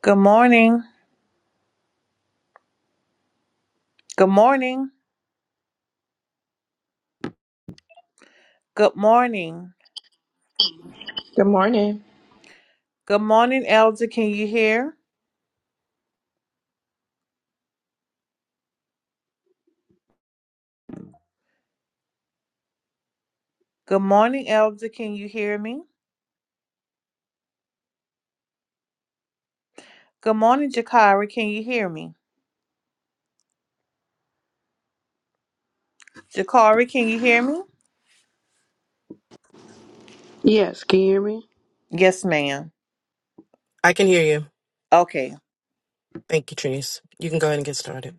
Good morning. Good morning. Good morning. Good morning. Good morning, Elder. Can you hear? Good morning, Elder. Can you hear me? Good morning, Jakari. Can you hear me? Jakari, can you hear me? Yes, can you hear me? Yes, ma'am. I can hear you. Okay. Thank you, Trinice. You can go ahead and get started.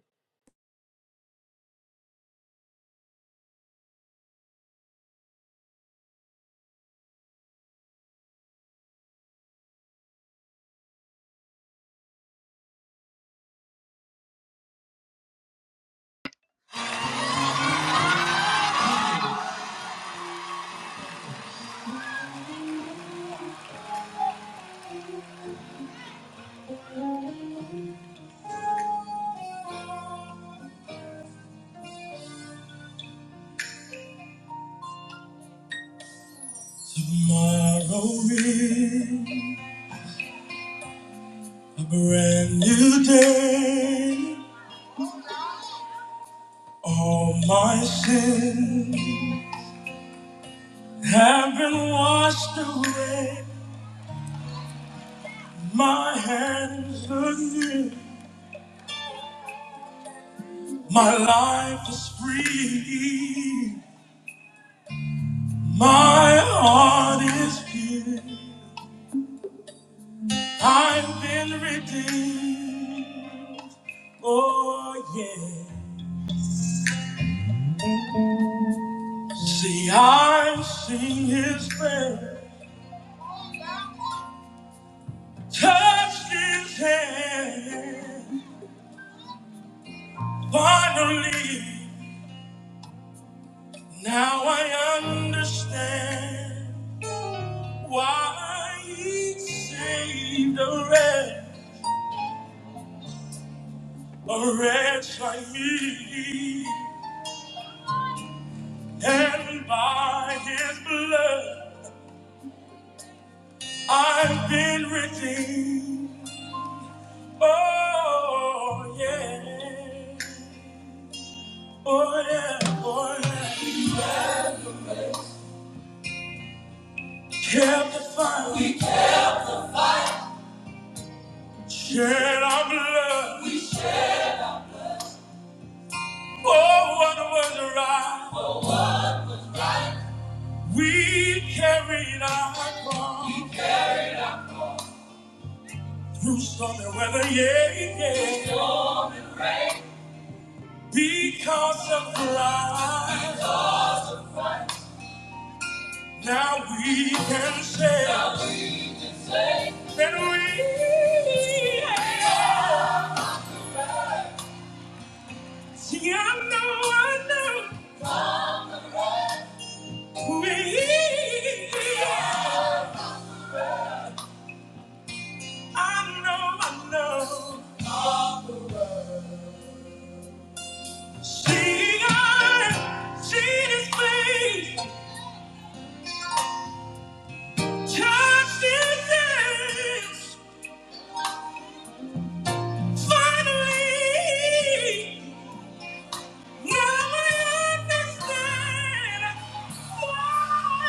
Tomorrow is a brand new day. All my sins have been washed away. My hands are new. My life is free. My heart is pure. I've been redeemed. Oh, yeah. See, I've seen his prayer, touched his hand. Finally, now I understand why he saved a wretch, a wretch like me. And by his blood. I've been redeemed. Oh, yeah. Oh, yeah. Oh, yeah. Kept the fire. We kept- Shed our blood. We- shed. Oh, what was right. Oh. We carried our cross We ca- through stormy weather. Yeah, yeah. Because of Christ. Because. Now we can say, Now we- and we. Yeah. See, I know, I know who he is. I know, I know. of the world. See, I see his face, touched his hands. Finally, now I understand why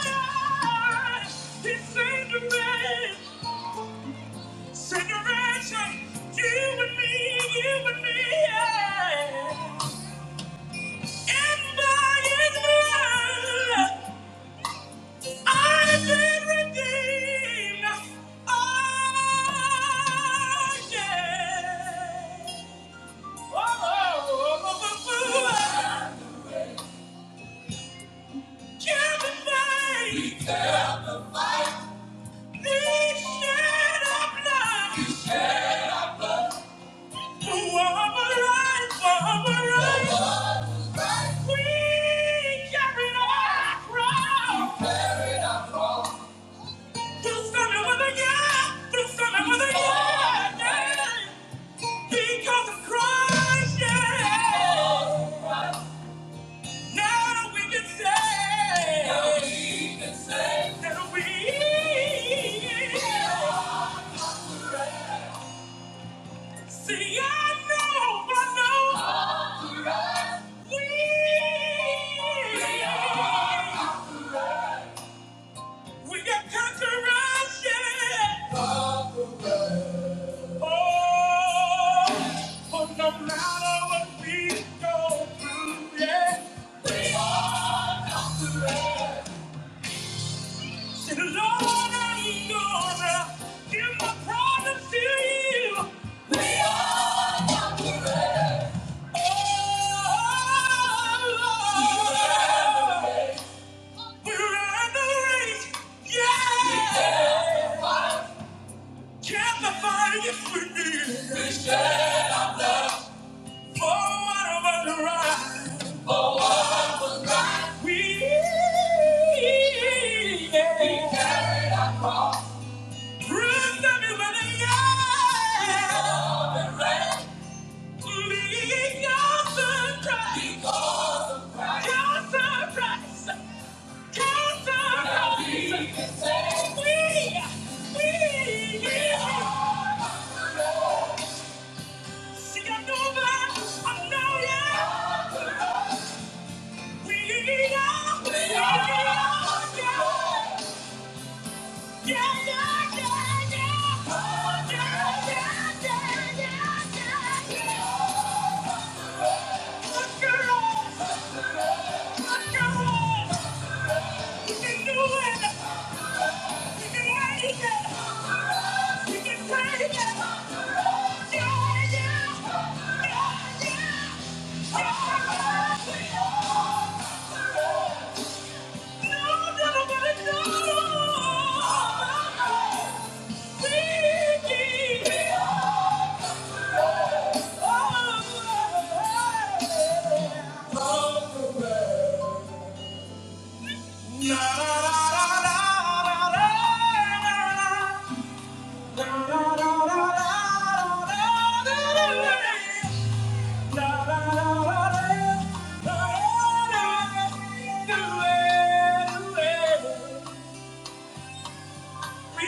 he saved me. Generation, you and me, you and me, yeah. And by His blood, I've been redeemed. Oh, yeah. Oh, oh, oh, oh, oh, oh. Kill the fight. We kill the fight. The shed of blood. We shed our blood. Because of Christ, yeah. Now we can say now we can say that we See, I know, I know. All right. We, we got conquerors, yeah. Oh, oh, no matter what we go through, yeah. We are conquerors. Say, Lord, I'm gonna give my problems to you. We are conquerors. Because of Christ. Yeah. No, no, no, no, no! We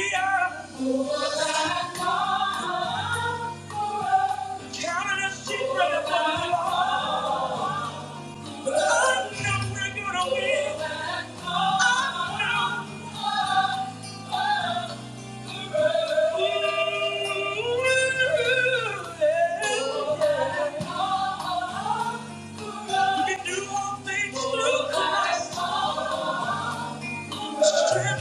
are You can do all things through Christ. Yeah!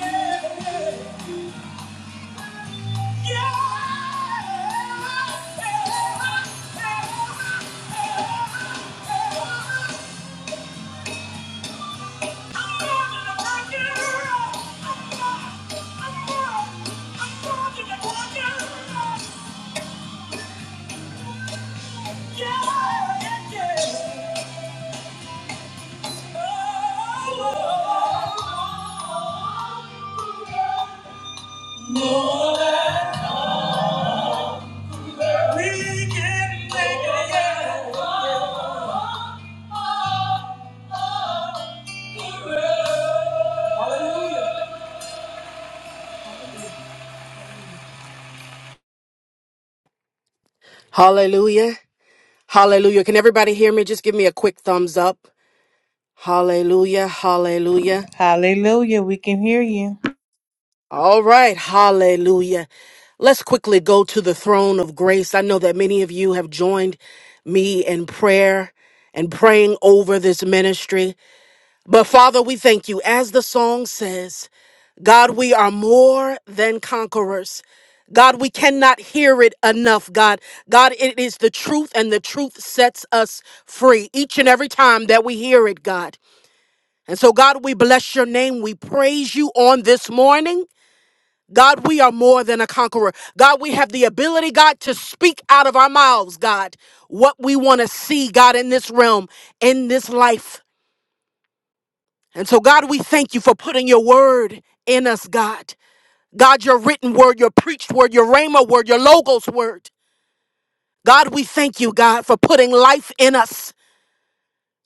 yeah, yeah. No, We can make it, yeah. Hallelujah. Hallelujah. Hallelujah. Can everybody hear me? Just give me a quick thumbs up. Hallelujah. Hallelujah. Hallelujah. We can hear you. All right. Hallelujah. Let's quickly go to the throne of grace. I know that many of you have joined me in prayer and praying over this ministry. But Father, we thank you. As the song says, God, we are more than conquerors. God, we cannot hear it enough, God. God, it is the truth, and the truth sets us free each and every time that we hear it, God. And so, God, we bless your name. We praise you on this morning. God, we are more than a conqueror. God, we have the ability, God, to speak out of our mouths, God, what we want to see, God, in this realm, in this life. And so, God, we thank you for putting your word in us, God. God, your written word, your preached word, your rhema word, your logos word. God, we thank you, God, for putting life in us.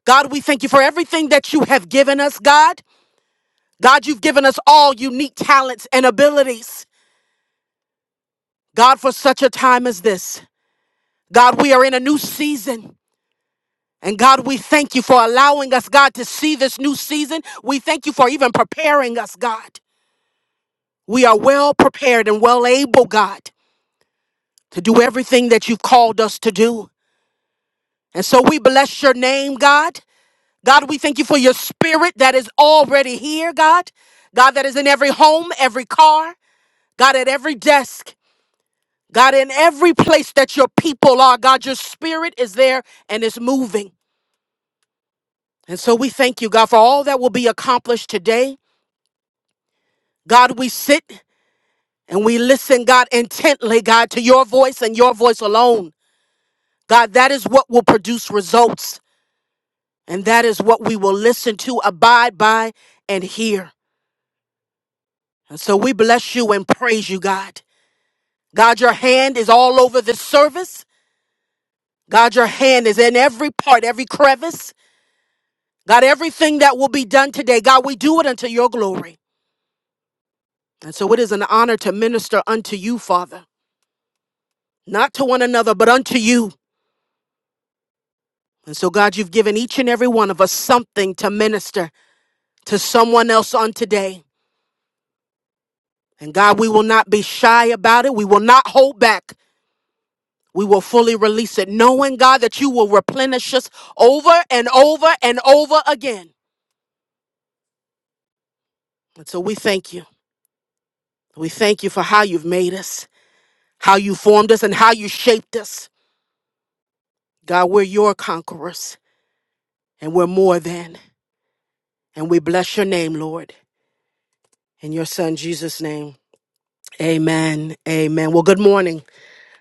God, we thank you for everything that you have given us, God. God, you've given us all unique talents and abilities. God, for such a time as this. God, we are in a new season. And God, we thank you for allowing us, God, to see this new season. We thank you for even preparing us, God. We are well prepared and well able, God. to do everything that you've called us to do. And so we bless your name, God. God, we thank you for your spirit that is already here, God. God, that is in every home, every car, God, at every desk, God, in every place that your people are, God, your spirit is there and is moving. And so we thank you, God, for all that will be accomplished today. God, we sit and we listen, God, intently, God, to your voice and your voice alone. God, that is what will produce results. And that is what we will listen to, abide by, and hear. And so we bless you and praise you, God. God, your hand is all over this service. God, your hand is in every part, every crevice. God, everything that will be done today, God, we do it unto your glory. And so it is an honor to minister unto you, Father, not to one another, but unto you. And so, God, you've given each and every one of us something to minister to someone else on today. And God, we will not be shy about it. We will not hold back. We will fully release it, knowing, God, that you will replenish us over and over and over again. And so we thank you. We thank you for how you've made us, how you formed us, and how you shaped us. God, we're your conquerors, and we're more than. And we bless your name, Lord. In your son Jesus' name, amen. Amen. Well, good morning.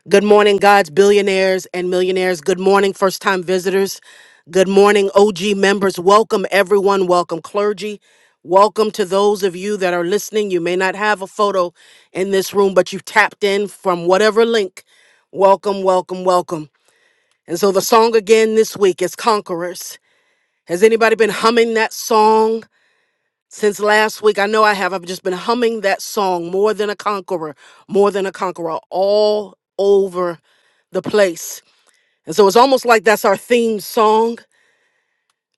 Good morning, God's billionaires and millionaires. Good morning, first time visitors. Good morning, OG members. Welcome, everyone. Welcome, clergy. Welcome to those of you that are listening. You may not have a photo in this room, but you've tapped in from whatever link. Welcome, welcome, welcome. And so the song again this week is Conquerors. Has anybody been humming that song? Since last week, I know I have. I've just been humming that song, More Than a Conqueror, More Than a Conqueror, all over the place. And so it's almost like that's our theme song.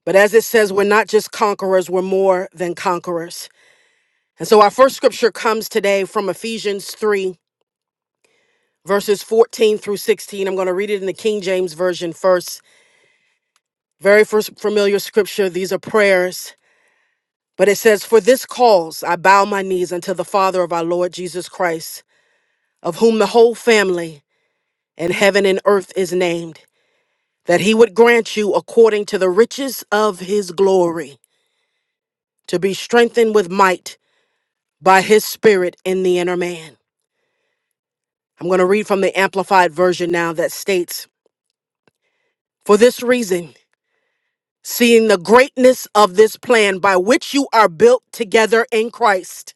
But as it says, we're not just conquerors, we're more than conquerors. And so our first scripture comes today from Ephesians 3, verses 14 through 16. I'm going to read it in the King James Version first. Very first familiar scripture. These are prayers. But it says, For this cause I bow my knees unto the Father of our Lord Jesus Christ of whom the whole family in heaven and earth is named, that he would grant you according to the riches of his glory to be strengthened with might by his spirit in the inner man. I'm going to read from the Amplified Version now that states, For this reason, seeing the greatness of this plan by which you are built together in Christ,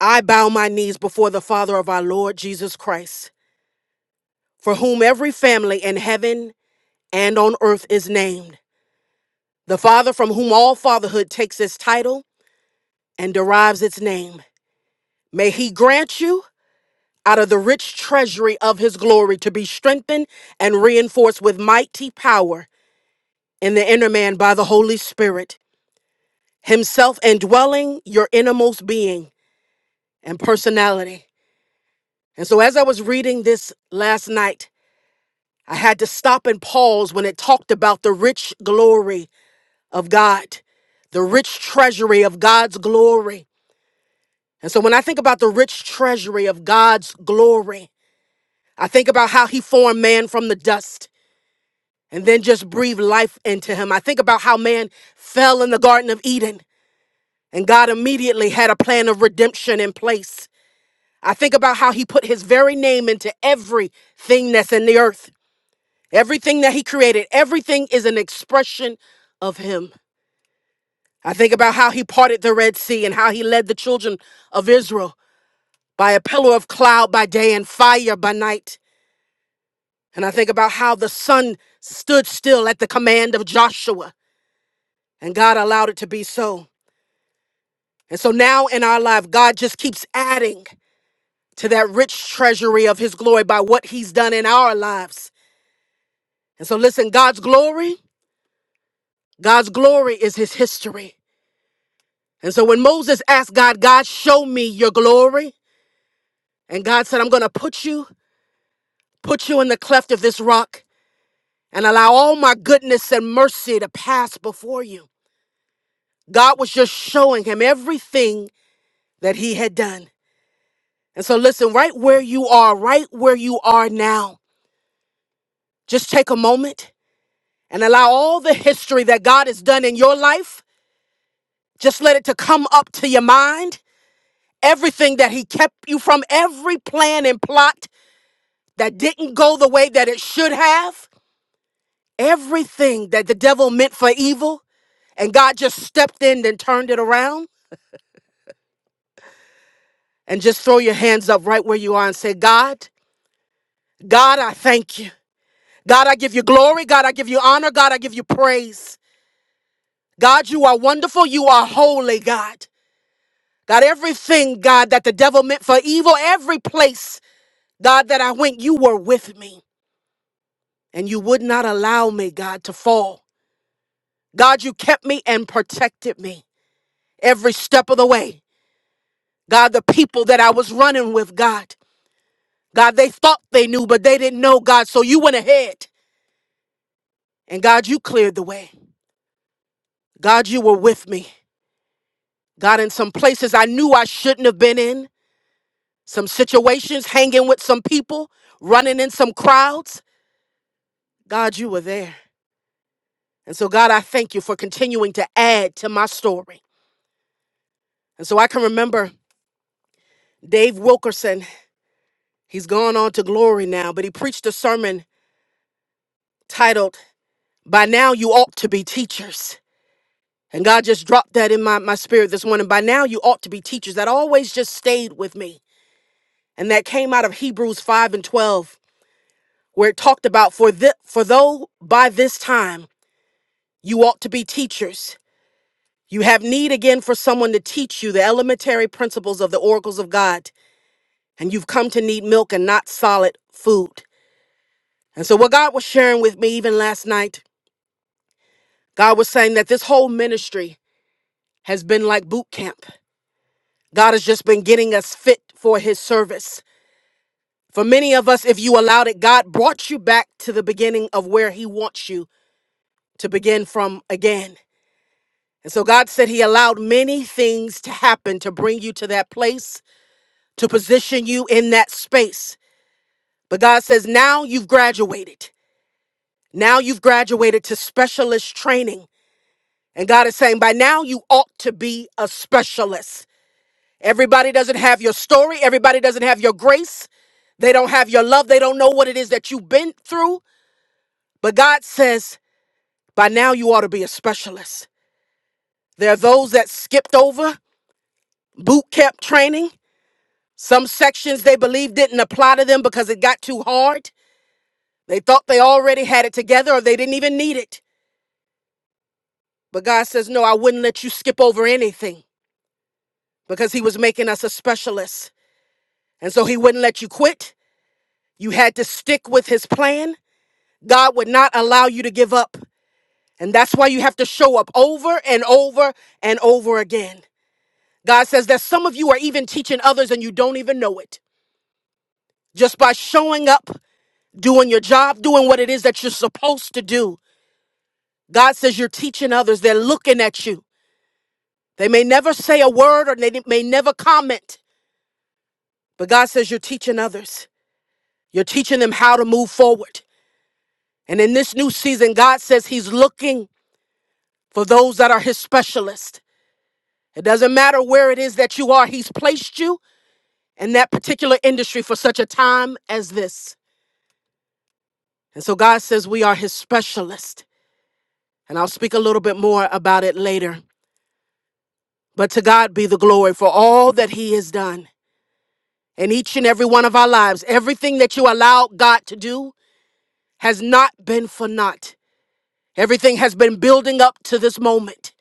I bow my knees before the Father of our Lord Jesus Christ, for whom every family in heaven and on earth is named The Father from whom all fatherhood takes its title and derives its name. May He grant you, out of the rich treasury of His glory, to be strengthened and reinforced with mighty power in the inner man by the Holy Spirit, Himself indwelling your innermost being and personality. And so, as I was reading this last night, I had to stop and pause when it talked about the rich glory of God, the rich treasury of God's glory. And so when I think about the rich treasury of God's glory, I think about how he formed man from the dust and then just breathed life into him. I think about how man fell in the Garden of Eden and God immediately had a plan of redemption in place. I think about how he put his very name into everything that's in the earth, everything that he created, everything is an expression of him. I think about how he parted the Red Sea and how he led the children of Israel by a pillar of cloud by day and fire by night. And I think about how the sun stood still at the command of Joshua, and God allowed it to be so. And so now in our life, God just keeps adding to that rich treasury of his glory by what he's done in our lives. And so listen, God's glory, God's glory is his history. And so when Moses asked God, God, show me your glory, and God said, I'm going to put you, put you in the cleft of this rock and allow all my goodness and mercy to pass before you. God was just showing him everything that he had done. And so, listen, right where you are, right where you are now, just take a moment and allow all the history that God has done in your life, just let it to come up to your mind. Everything that he kept you from, every plan and plot that didn't go the way that it should have, everything that the devil meant for evil, and God just stepped in and turned it around. And just throw your hands up right where you are and say, God, God, I thank you. God, I give you glory. God, I give you honor. God, I give you praise. God, you are wonderful. You are holy, God. God, everything, God, that the devil meant for evil, every place, God, that I went, you were with me and you would not allow me, God, to fall. God, you kept me and protected me every step of the way. God, the people that I was running with, God, God, they thought they knew, but they didn't know, God. So you went ahead and God, you cleared the way. God, you were with me. God, in some places I knew I shouldn't have been in, some situations, hanging with some people, running in some crowds. God, you were there. And so, God, I thank you for continuing to add to my story. And so I can remember Dave Wilkerson, he's gone on to glory now, but he preached a sermon titled, By Now You Ought to Be Teachers. And God just dropped that in my, my spirit this morning. By now you ought to be teachers. That always just stayed with me. And that came out of Hebrews 5 and 12 where it talked about for the for though by this time you ought to be teachers you have need again for someone to teach you the elementary principles of the oracles of god and you've come to need milk and not solid food and so what god was sharing with me even last night god was saying that this whole ministry has been like boot camp god has just been getting us fit for his service for many of us if you allowed it god brought you back to the beginning of where he wants you to begin from again And so God said He allowed many things to happen to bring you to that place, to position you in that space. But God says, now you've graduated. Now you've graduated to specialist training. And God is saying, by now you ought to be a specialist. Everybody doesn't have your story, everybody doesn't have your grace, they don't have your love, they don't know what it is that you've been through. But God says, by now you ought to be a specialist. There are those that skipped over boot camp training. Some sections they believed didn't apply to them because it got too hard. They thought they already had it together or they didn't even need it. But God says, No, I wouldn't let you skip over anything because He was making us a specialist. And so He wouldn't let you quit. You had to stick with His plan. God would not allow you to give up. And that's why you have to show up over and over and over again. God says that some of you are even teaching others and you don't even know it. Just by showing up, doing your job, doing what it is that you're supposed to do. God says you're teaching others. They're looking at you. They may never say a word or they may never comment, but God says you're teaching others. You're teaching them how to move forward. And in this new season, God says He's looking for those that are His specialist. It doesn't matter where it is that you are, He's placed you in that particular industry for such a time as this. And so God says we are His specialist. And I'll speak a little bit more about it later. But to God be the glory for all that He has done. in each and every one of our lives. Everything that you allow God to do has not been for naught. Everything has been building up to this moment.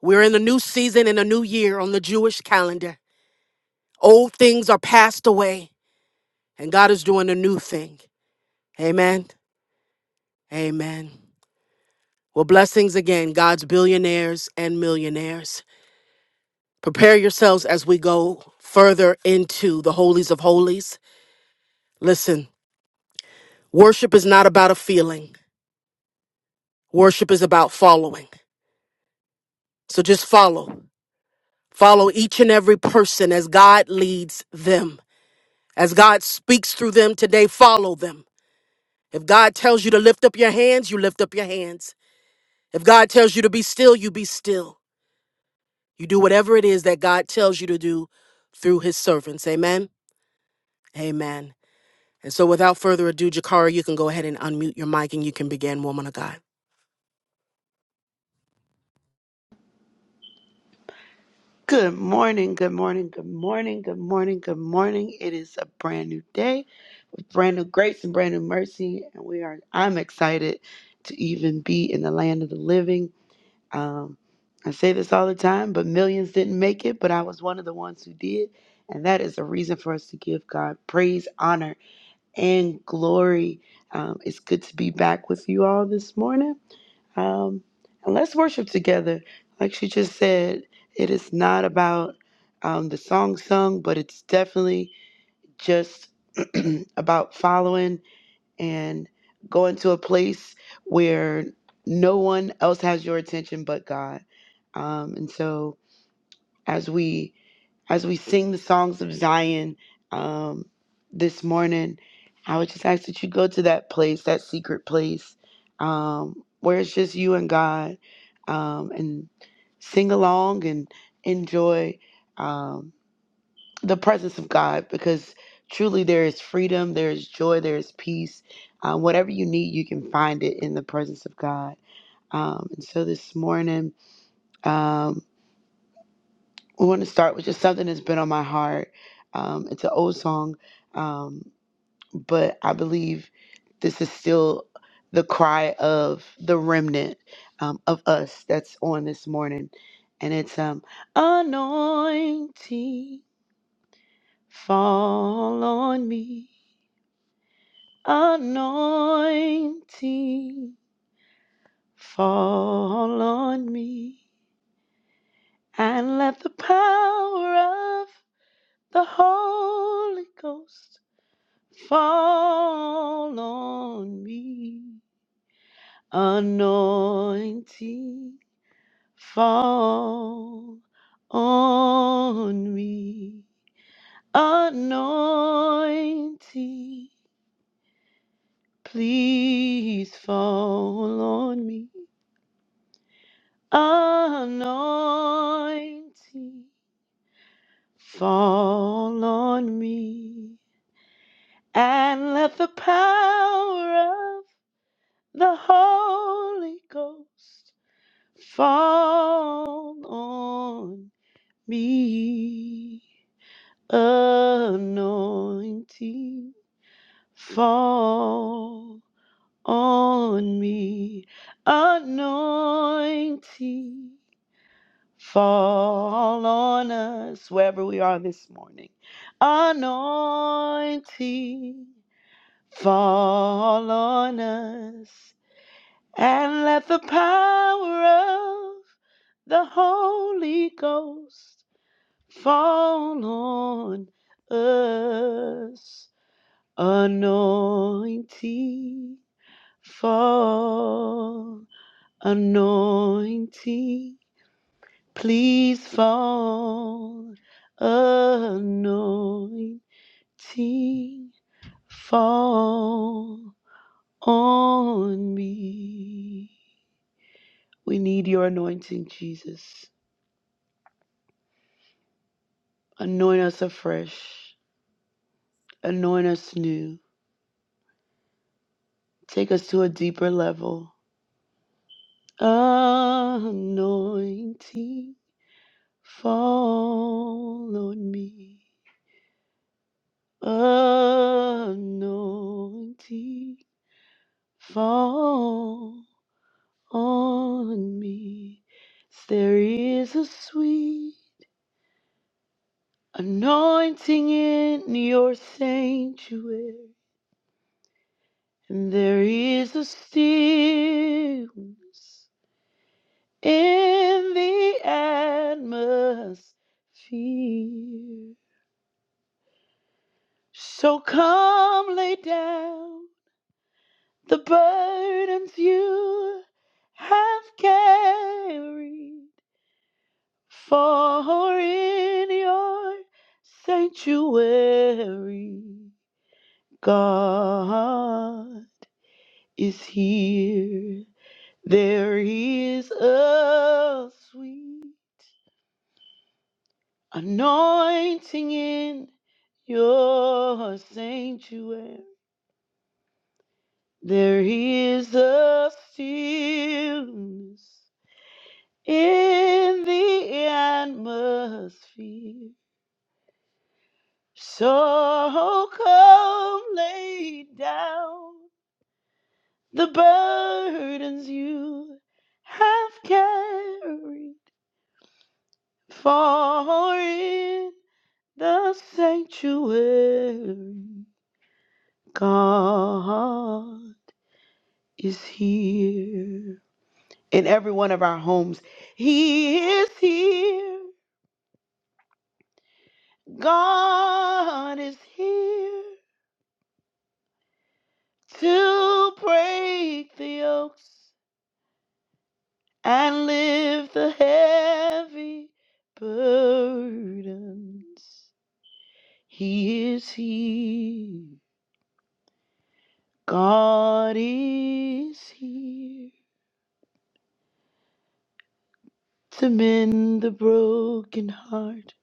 We're in a new season and a new year on the Jewish calendar. Old things are passed away, and God is doing a new thing. Amen. Amen. Well, blessings again, God's billionaires and millionaires. Prepare yourselves as we go further into the holies of holies. Listen, worship is not about a feeling, worship is about following. So just follow. Follow each and every person as God leads them. As God speaks through them today, follow them. If God tells you to lift up your hands, you lift up your hands. If God tells you to be still, you be still. You do whatever it is that God tells you to do through his servants. Amen. Amen. And so without further ado, Jakara, you can go ahead and unmute your mic and you can begin, woman of God. Good morning, good morning, good morning, good morning, good morning. It is a brand new day with brand new grace and brand new mercy, and we are. I'm excited to even be in the land of the living. Um, I say this all the time, but millions didn't make it, but I was one of the ones who did, and that is a reason for us to give God praise, honor, and glory. Um, it's good to be back with you all this morning. Um, and let's worship together. Like she just said, it is not about um, the song sung, but it's definitely just about following and going to a place where no one else has your attention but God. Um, and so as we as we sing the songs of Zion um, this morning, I would just ask that you go to that place, that secret place, um, where it's just you and God, um, and sing along and enjoy um, the presence of God because truly there is freedom, there is joy, there is peace. Um, whatever you need, you can find it in the presence of God. Um, and so this morning, um, we want to start with just something that's been on my heart. Um, it's an old song, um, but I believe this is still the cry of the remnant um, of us that's on this morning. And it's um, anointing, fall on me. Anointing, fall on me. And let the power of the Holy Ghost Fall on me, anointing. Fall on me, anointing. Please fall on me, anointing. Fall on me, and let the power of the Holy Ghost Fall on me, anointing. Fall on me, anointing. Fall on us, wherever we are this morning. Anointing. Fall on us. And let the power of the Holy Ghost Fall on us, anointing. Fall, anointing. Please fall, anointing. Fall on me. We need your anointing, Jesus. Anoint us afresh. Anoint us new. Take us to a deeper level. Anointing fall on me. Anointing fall on me. There is a sweet anointing in your sanctuary, and there is a stillness in the atmosphere. So come lay down the burdens you have carried, for in your sanctuary, God is here. There is a sweet anointing in your sanctuary. There is a stillness in the atmosphere. So come lay down the burdens you have carried. For in the sanctuary, God is here. in every one of our homes. He is here. God is here to break the yokes and lift the heavy burdens. He is here. God is here to mend the broken heart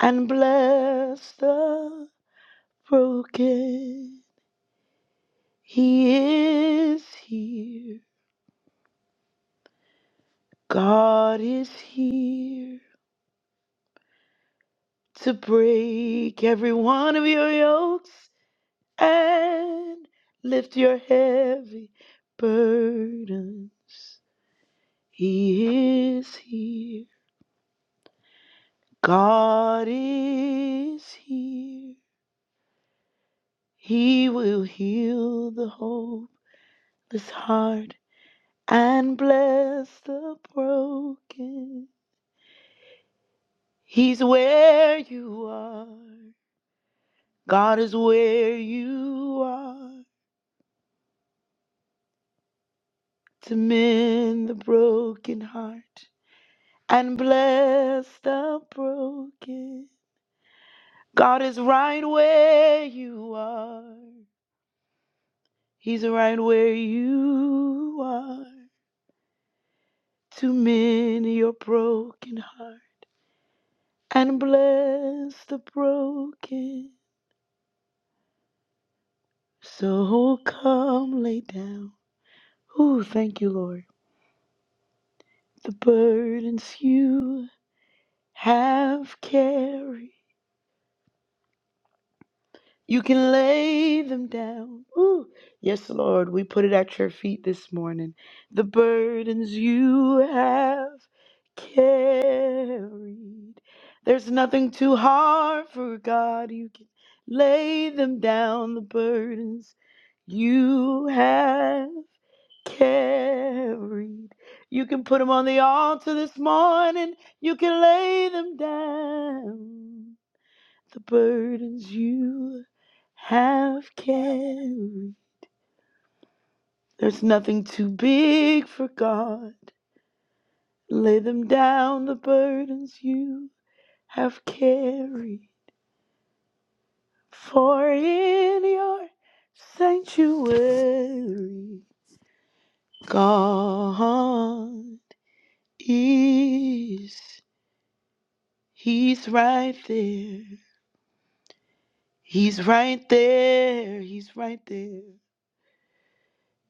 and bless the broken. He is here. God is here to break every one of your yokes and lift your heavy burdens. He is here. God is here. He will heal the hopeless heart and bless the broken. He's where you are. God is where you are to mend the broken heart and bless the broken. God is right where you are. He's right where you are to mend your broken heart and bless the broken. So come lay down. Ooh, thank you, Lord. The burdens you have carried You can lay them down. Ooh. Yes, Lord, we put it at your feet this morning. The burdens you have carried. There's nothing too hard for God. You can lay them down, the burdens you have carried. You can put them on the altar this morning. You can lay them down the burdens you have carried. There's nothing too big for God. Lay them down, the burdens you have carried. For in your sanctuary, God is. He's right there. He's right there. He's right there.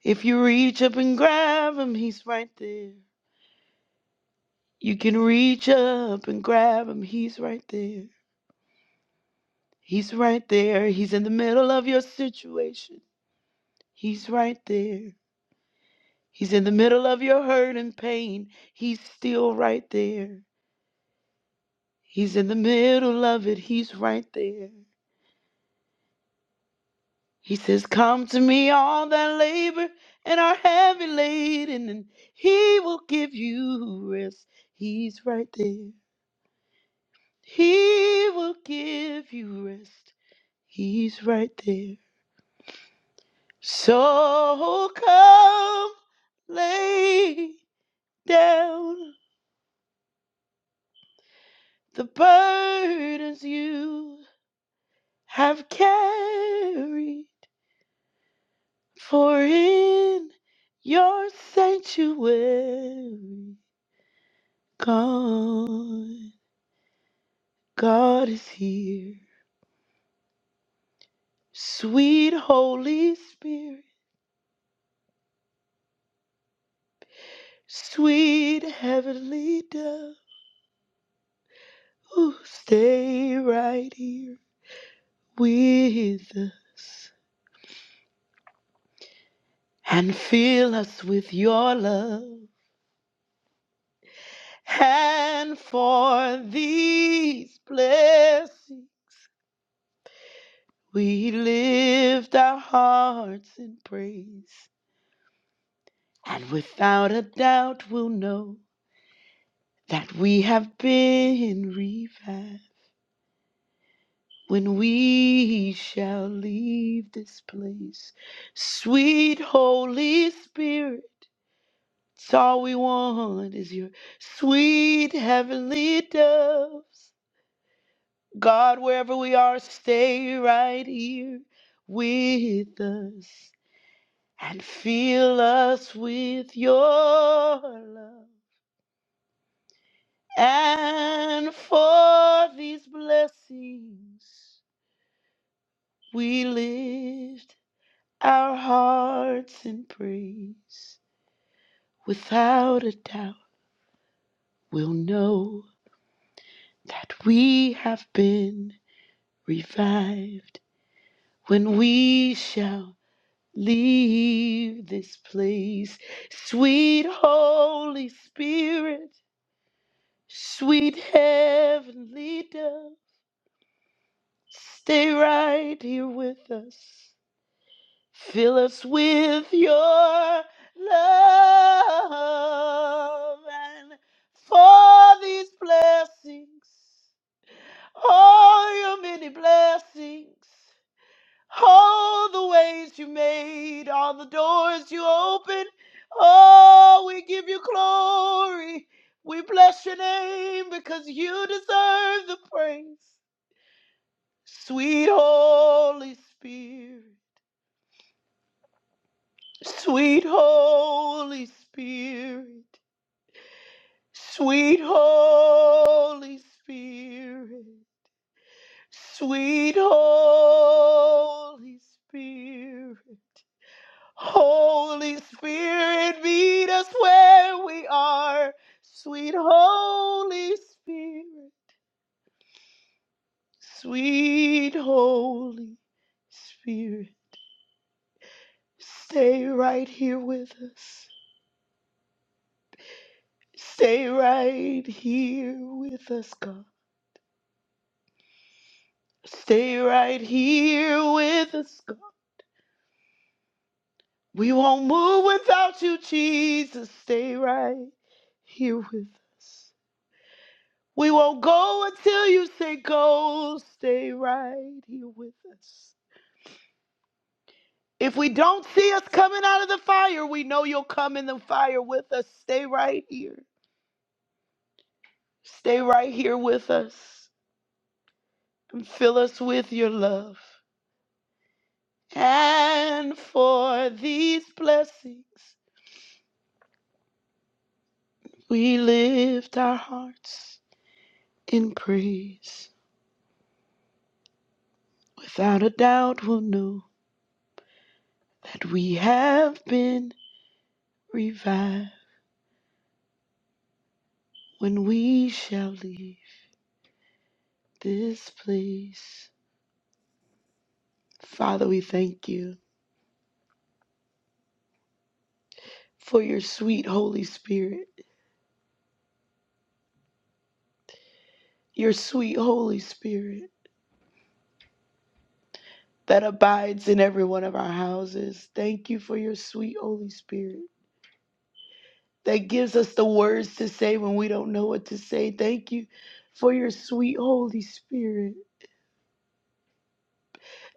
If you reach up and grab him, he's right there. You can reach up and grab him. He's right there. He's right there. He's in the middle of your situation. He's right there. He's in the middle of your hurt and pain. He's still right there. He's in the middle of it. He's right there. He says, Come to me, all that labor and are heavy laden, and he will give you rest. He's right there. He will give you rest. He's right there. So come lay down the burdens you have carried, for in your sanctuary, God, God is here. Sweet Holy Spirit, sweet Heavenly Dove, ooh, stay right here with us. and fill us with your love. And for these blessings, we lift our hearts in praise. And without a doubt, we'll know that we have been revived when we shall leave this place. Sweet Holy Spirit, it's all we want is your sweet heavenly doves God, wherever we are, stay right here with us and fill us with your love. And for these blessings, we lift our hearts in praise. Without a doubt, we'll know that we have been revived when we shout. Leave this place, sweet Holy Spirit, sweet Heavenly Dove. Stay right here with us. Fill us with your love and for these blessings, all your many blessings. All the ways you made, all the doors you opened. Oh, we give you glory. We bless your name because you deserve the praise. Sweet Holy Spirit, sweet Holy Spirit, sweet Holy Spirit, sweet Holy Spirit. Holy Spirit, meet us where we are. Sweet Holy Spirit, sweet Holy Spirit, stay right here with us. Stay right here with us, God. Stay right here with us, God. We won't move without you, Jesus. Stay right here with us. We won't go until you say go. Stay right here with us. If we don't see us coming out of the fire, we know you'll come in the fire with us. Stay right here. Stay right here with us and fill us with your love. And for these blessings, we lift our hearts in praise. Without a doubt, we'll know that we have been revived when we shall leave. this place. Father, we thank you for your sweet Holy Spirit, your sweet Holy Spirit that abides in every one of our houses. Thank you for your sweet Holy Spirit that gives us the words to say when we don't know what to say. Thank you for your sweet Holy Spirit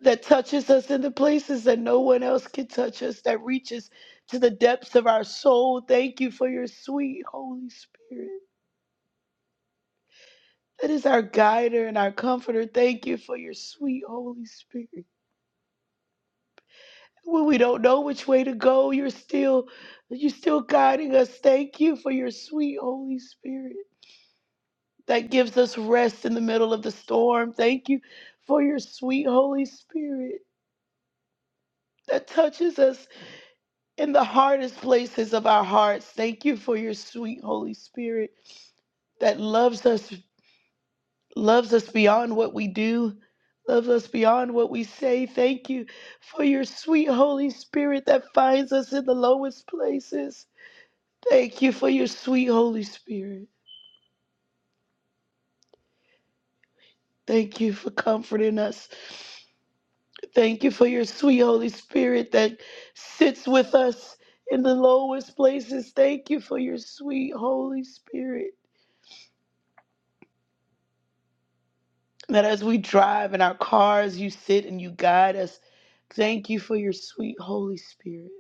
that touches us in the places that no one else can touch us, that reaches to the depths of our soul. Thank you for your sweet Holy Spirit that is our guider and our comforter. Thank you for your sweet Holy Spirit. When we don't know which way to go, you're still you're still guiding us. Thank you for your sweet Holy Spirit that gives us rest in the middle of the storm. Thank you for your sweet Holy Spirit that touches us in the hardest places of our hearts. Thank you for your sweet Holy Spirit that loves us loves us beyond what we do, loves us beyond what we say. Thank you for your sweet Holy Spirit that finds us in the lowest places. Thank you for your sweet Holy Spirit. Thank you for comforting us. Thank you for your sweet Holy Spirit that sits with us in the lowest places. Thank you for your sweet Holy Spirit that as we drive in our cars, you sit and you guide us. Thank you for your sweet Holy Spirit.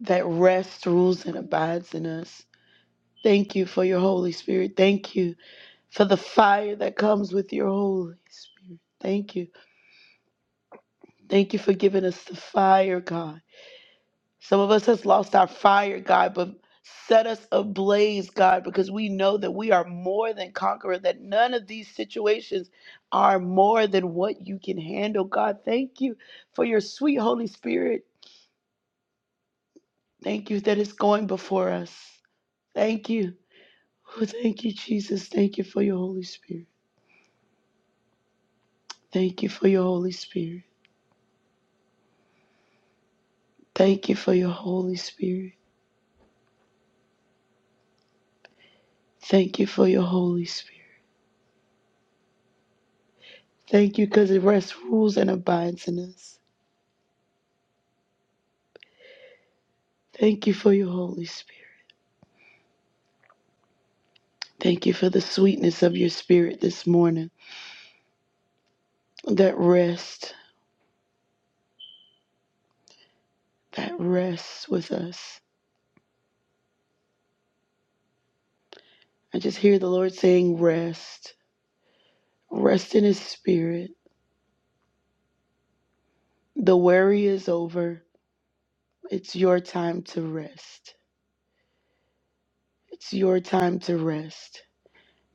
that rests, rules, and abides in us. Thank you for your Holy Spirit. Thank you for the fire that comes with your Holy Spirit. Thank you. Thank you for giving us the fire, God. Some of us has lost our fire, God, but set us ablaze, God, because we know that we are more than conqueror, that none of these situations are more than what you can handle, God. Thank you for your sweet Holy Spirit. Thank you that it's going before us. Thank you. Oh, thank you, Jesus. Thank you for your Holy Spirit. Thank you for your Holy Spirit. Thank you for your Holy Spirit. Thank you for your Holy Spirit. Thank you because it rests, rules, and abides in us. Thank you for your Holy Spirit. Thank you for the sweetness of your Spirit this morning. That rest, that rests with us. I just hear the Lord saying, Rest. Rest in His Spirit. The worry is over. It's your time to rest. It's your time to rest.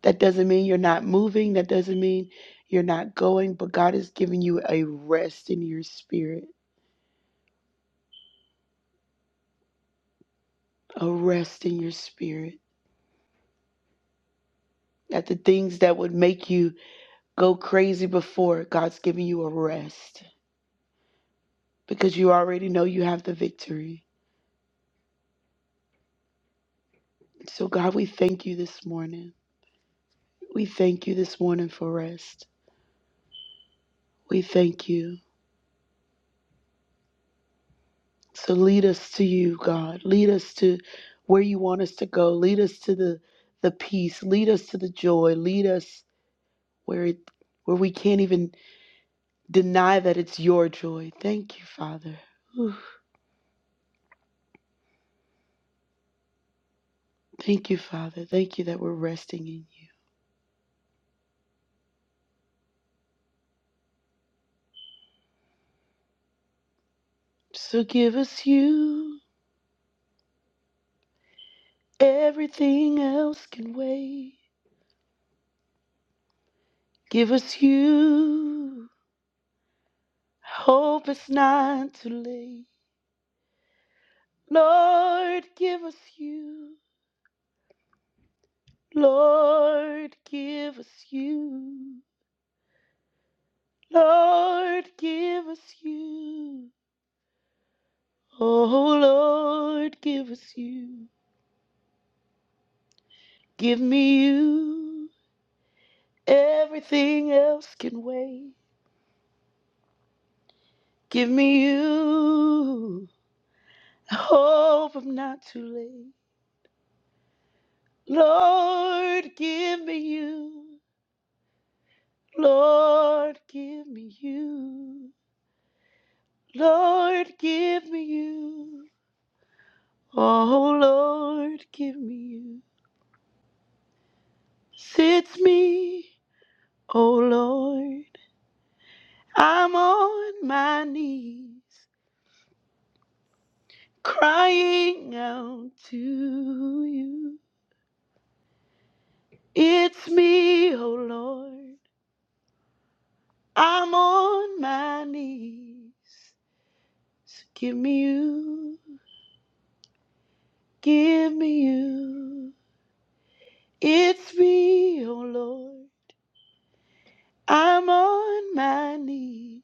That doesn't mean you're not moving. That doesn't mean you're not going, but God is giving you a rest in your spirit, a rest in your spirit. That the things that would make you go crazy before, God's giving you a rest because you already know you have the victory. So, God, we thank you this morning. We thank you this morning for rest. We thank you. So, lead us to you, God. Lead us to where you want us to go. Lead us to the the peace. Lead us to the joy. Lead us where it where we can't even deny that it's your joy. Thank you, Father. Ooh, thank you, Father. Thank you that we're resting in you. So give us you. Everything else can wait. Give us you. Hope it's not too late. Lord, give us you. Lord, give us you. Lord, give us you. Oh, Lord, give us you. Give me you. Everything else can wait. Give me you. I hope I'm not too late. Lord, give me you. Lord, give me you. Lord, give me you. Oh, Lord, give me you. Sits me, oh, Lord. I'm on my knees crying out to you. It's me, oh Lord. I'm on my knees. So give me you, give me you. It's me, oh Lord. I'm on my knees,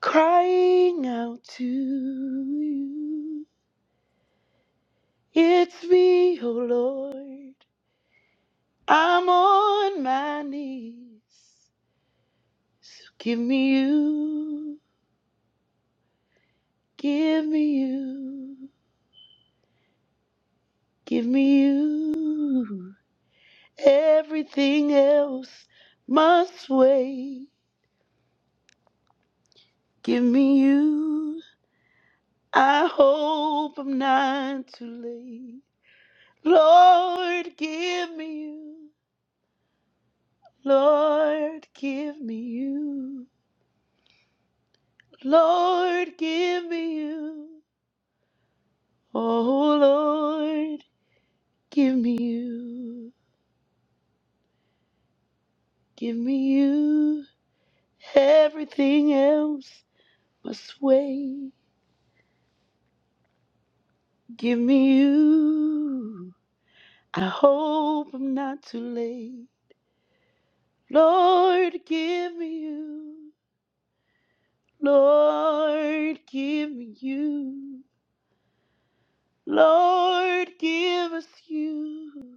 crying out to you. It's me, oh Lord. I'm on my knees. So give me you, give me you. Give me you. Everything else must wait. Give me you. I hope I'm not too late. Lord, give me you. Lord, give me you. Lord, give me you. Oh, Lord, give me you. Give me you. Everything else must wait. Give me you. I hope I'm not too late. Lord, give me you. Lord, give me you. Lord, give us you.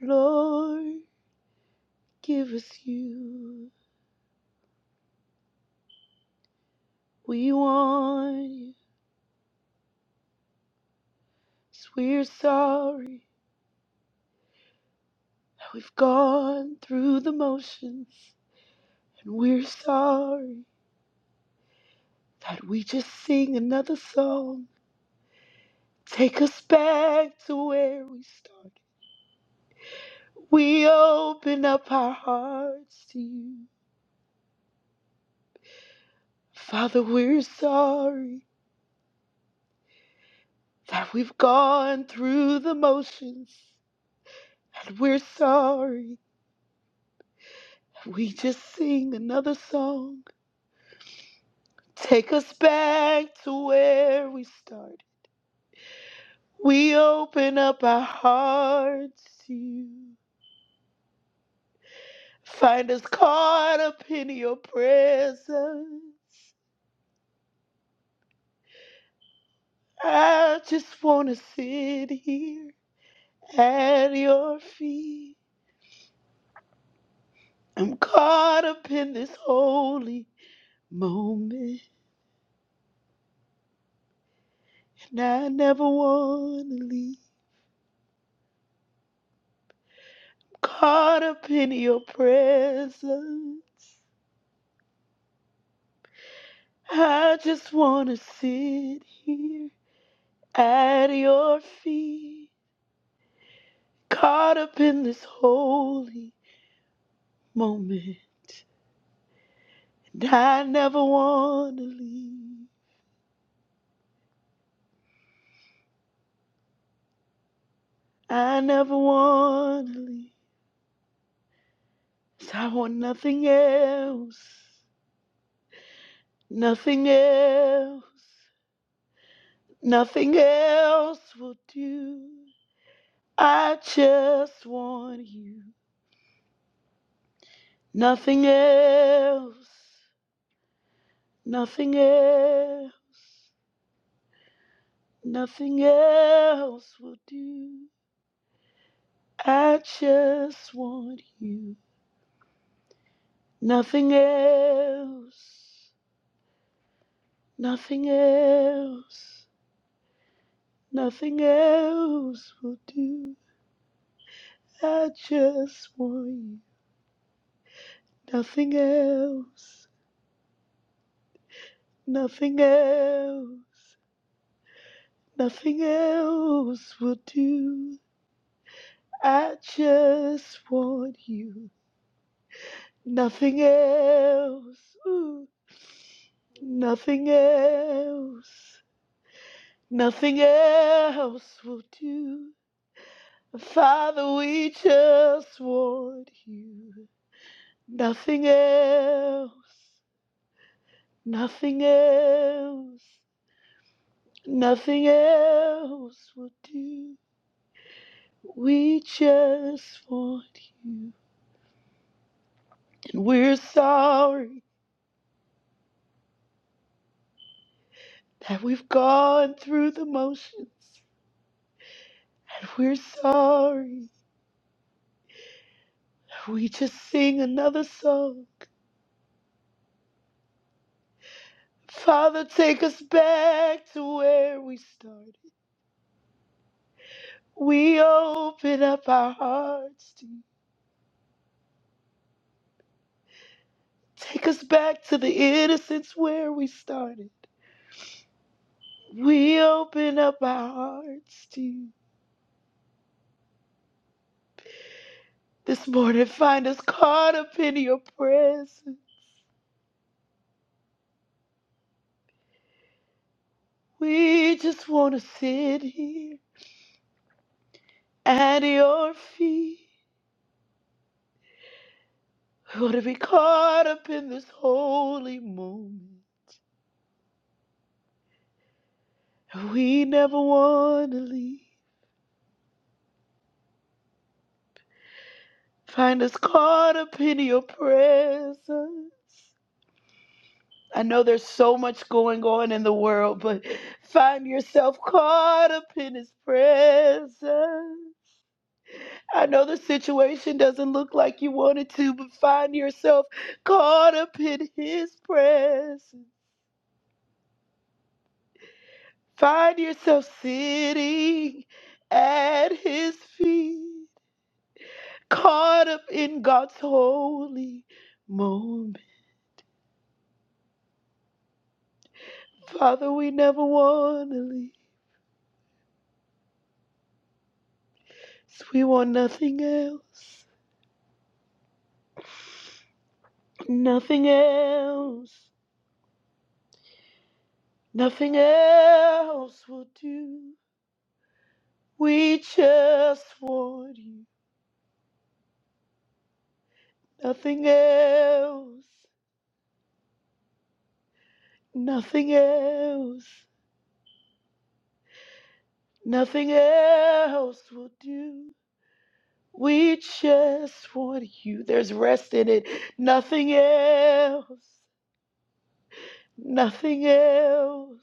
Lord, give us you. We want you. 'Cause we're sorry that we've gone through the motions. And we're sorry that we just sing another song Take us back to where we started. We open up our hearts to you. Father, we're sorry that we've gone through the motions. And we're sorry. that We just sing another song. Take us back to where we started. We open up our hearts to you. Find us caught up in your presence. I just wanna sit here at your feet. I'm caught up in this holy moment, and I never wanna leave. Caught up in your presence. I just wanna sit here at your feet. Caught up in this holy moment, and I never wanna leave. I never wanna leave. So I want nothing else, nothing else, nothing else will do. I just want you. Nothing else, nothing else, nothing else will do. I just want you. Nothing else, nothing else, nothing else will do. I just want you. Nothing else, nothing else, nothing else will do. I just want you. Nothing else, ooh, nothing else, nothing else will do. Father, we just want you. Nothing else, nothing else. Nothing else will do. We just want you. And we're sorry that we've gone through the motions. And we're sorry that we just sing another song. Father, take us back to where we started. We open up our hearts to you. Take us back to the innocence where we started. We open up our hearts to you. This morning, find us caught up in your presence. We just want to sit here at your feet. We want to be caught up in this holy moment. We never want to leave. Find us caught up in your presence. I know there's so much going on in the world, but find yourself caught up in his presence. I know the situation doesn't look like you wanted to, but find yourself caught up in His presence. Find yourself sitting at His feet, caught up in God's holy moment. Father, we never want to leave. We want nothing else. Nothing else. Nothing else will do. We just want you. Nothing else, nothing else, nothing else will do. We just want you. There's rest in it. Nothing else, nothing else,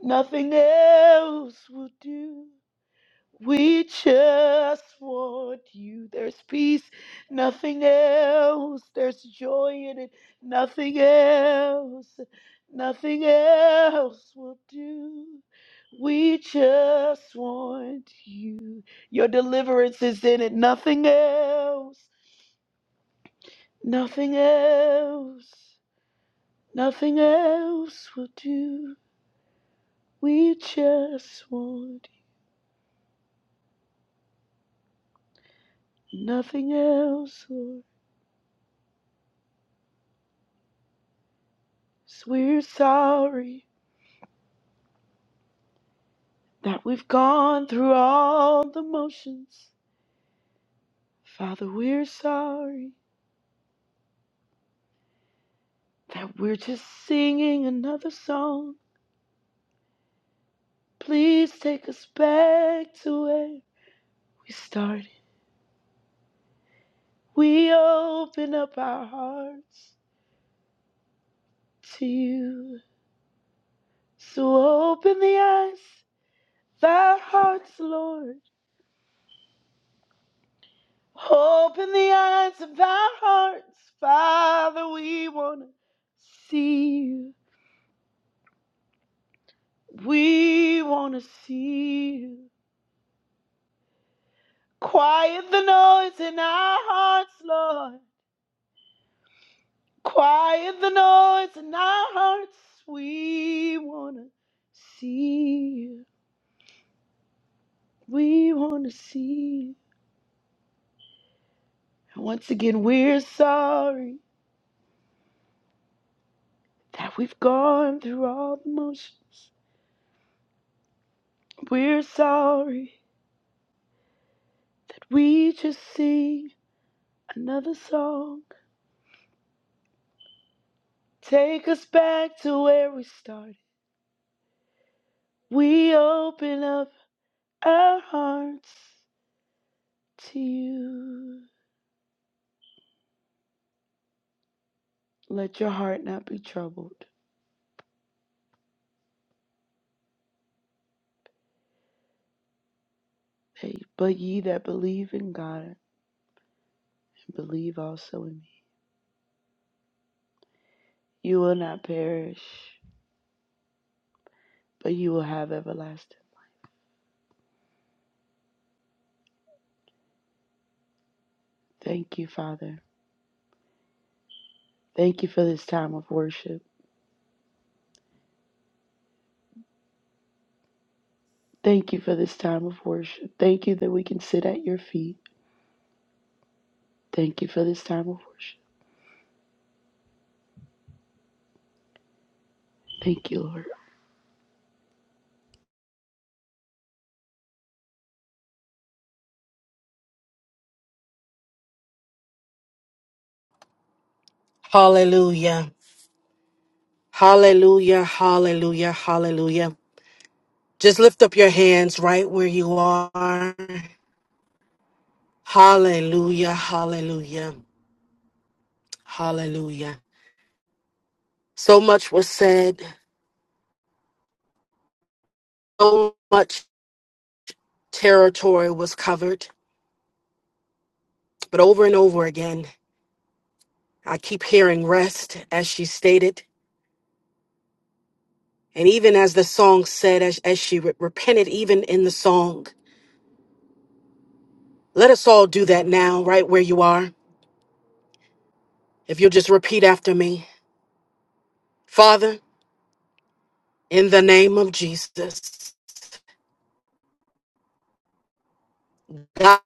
nothing else will do. We just want you. There's peace, nothing else. There's joy in it, nothing else. Nothing else will do. We just want you. Your deliverance is in it, nothing else. Nothing else. Nothing else will do. We just want you. Nothing else, Lord. So we're sorry. that we've gone through all the motions. Father, we're sorry that we're just singing another song. Please take us back to where we started. We open up our hearts to you. So open the eyes of our hearts, Lord. Open the eyes of our hearts, Father. We want to see you. We want to see you. Quiet the noise in our hearts, Lord. Quiet the noise in our hearts. We want to see you. We want to see you. And once again, we're sorry that we've gone through all the motions. We're sorry that we just sing another song. Take us back to where we started. We open up our hearts to you. Let your heart not be troubled, hey, but ye that believe in God and believe also in me, you will not perish, but you will have everlasting. Thank you, Father. Thank you for this time of worship. Thank you for this time of worship. Thank you that we can sit at your feet. Thank you for this time of worship. Thank you, Lord. Hallelujah. Hallelujah. Hallelujah. Hallelujah. Just lift up your hands right where you are. Hallelujah, hallelujah, hallelujah. So much was said, so much territory was covered, but over and over again, I keep hearing rest, as she stated, and even as the song said, as, as she re- repented, even in the song. Let us all do that now, right where you are. If you'll just repeat after me Father, in the name of Jesus, God,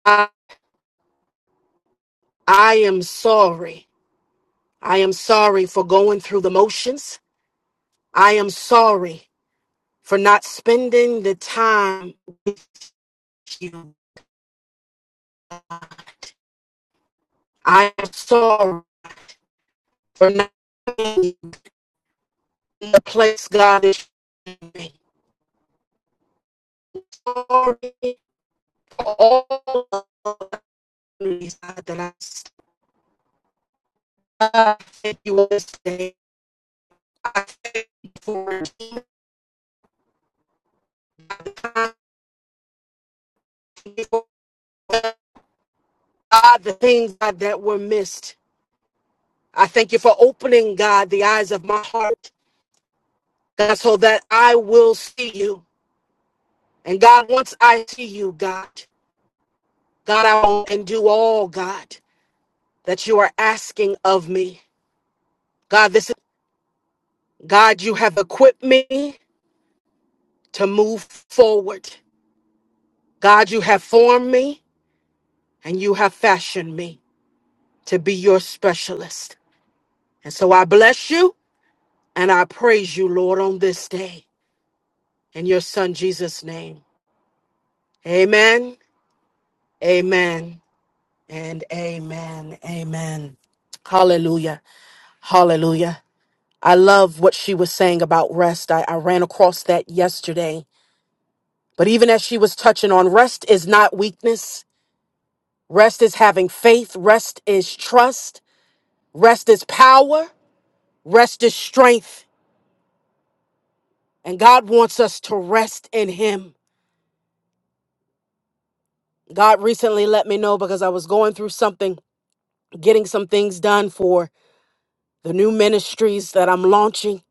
I am sorry I am sorry for going through the motions. I am sorry for not spending the time with you. I am sorry for not being in the place God is showing me. Sorry for all of the memories that I still have. Thank you for this day. I thank you for redeeming time. Thank you for, God, the things God, that were missed. I thank you for opening, God, the eyes of my heart. God, so that I will see you. And God, once I see you, God, God, I will and do all, God, that you are asking of me. God, this is God, you have equipped me to move forward. God, you have formed me and you have fashioned me to be your specialist. And so I bless you and I praise you, Lord, on this day. In your son Jesus' name. Amen, amen, and amen, amen. Hallelujah. Hallelujah. I love what she was saying about rest. I, I ran across that yesterday. But even as she was touching on rest is not weakness, rest is having faith, rest is trust, rest is power, rest is strength. And God wants us to rest in Him. God recently let me know because I was going through something, getting some things done for the new ministries that I'm launching.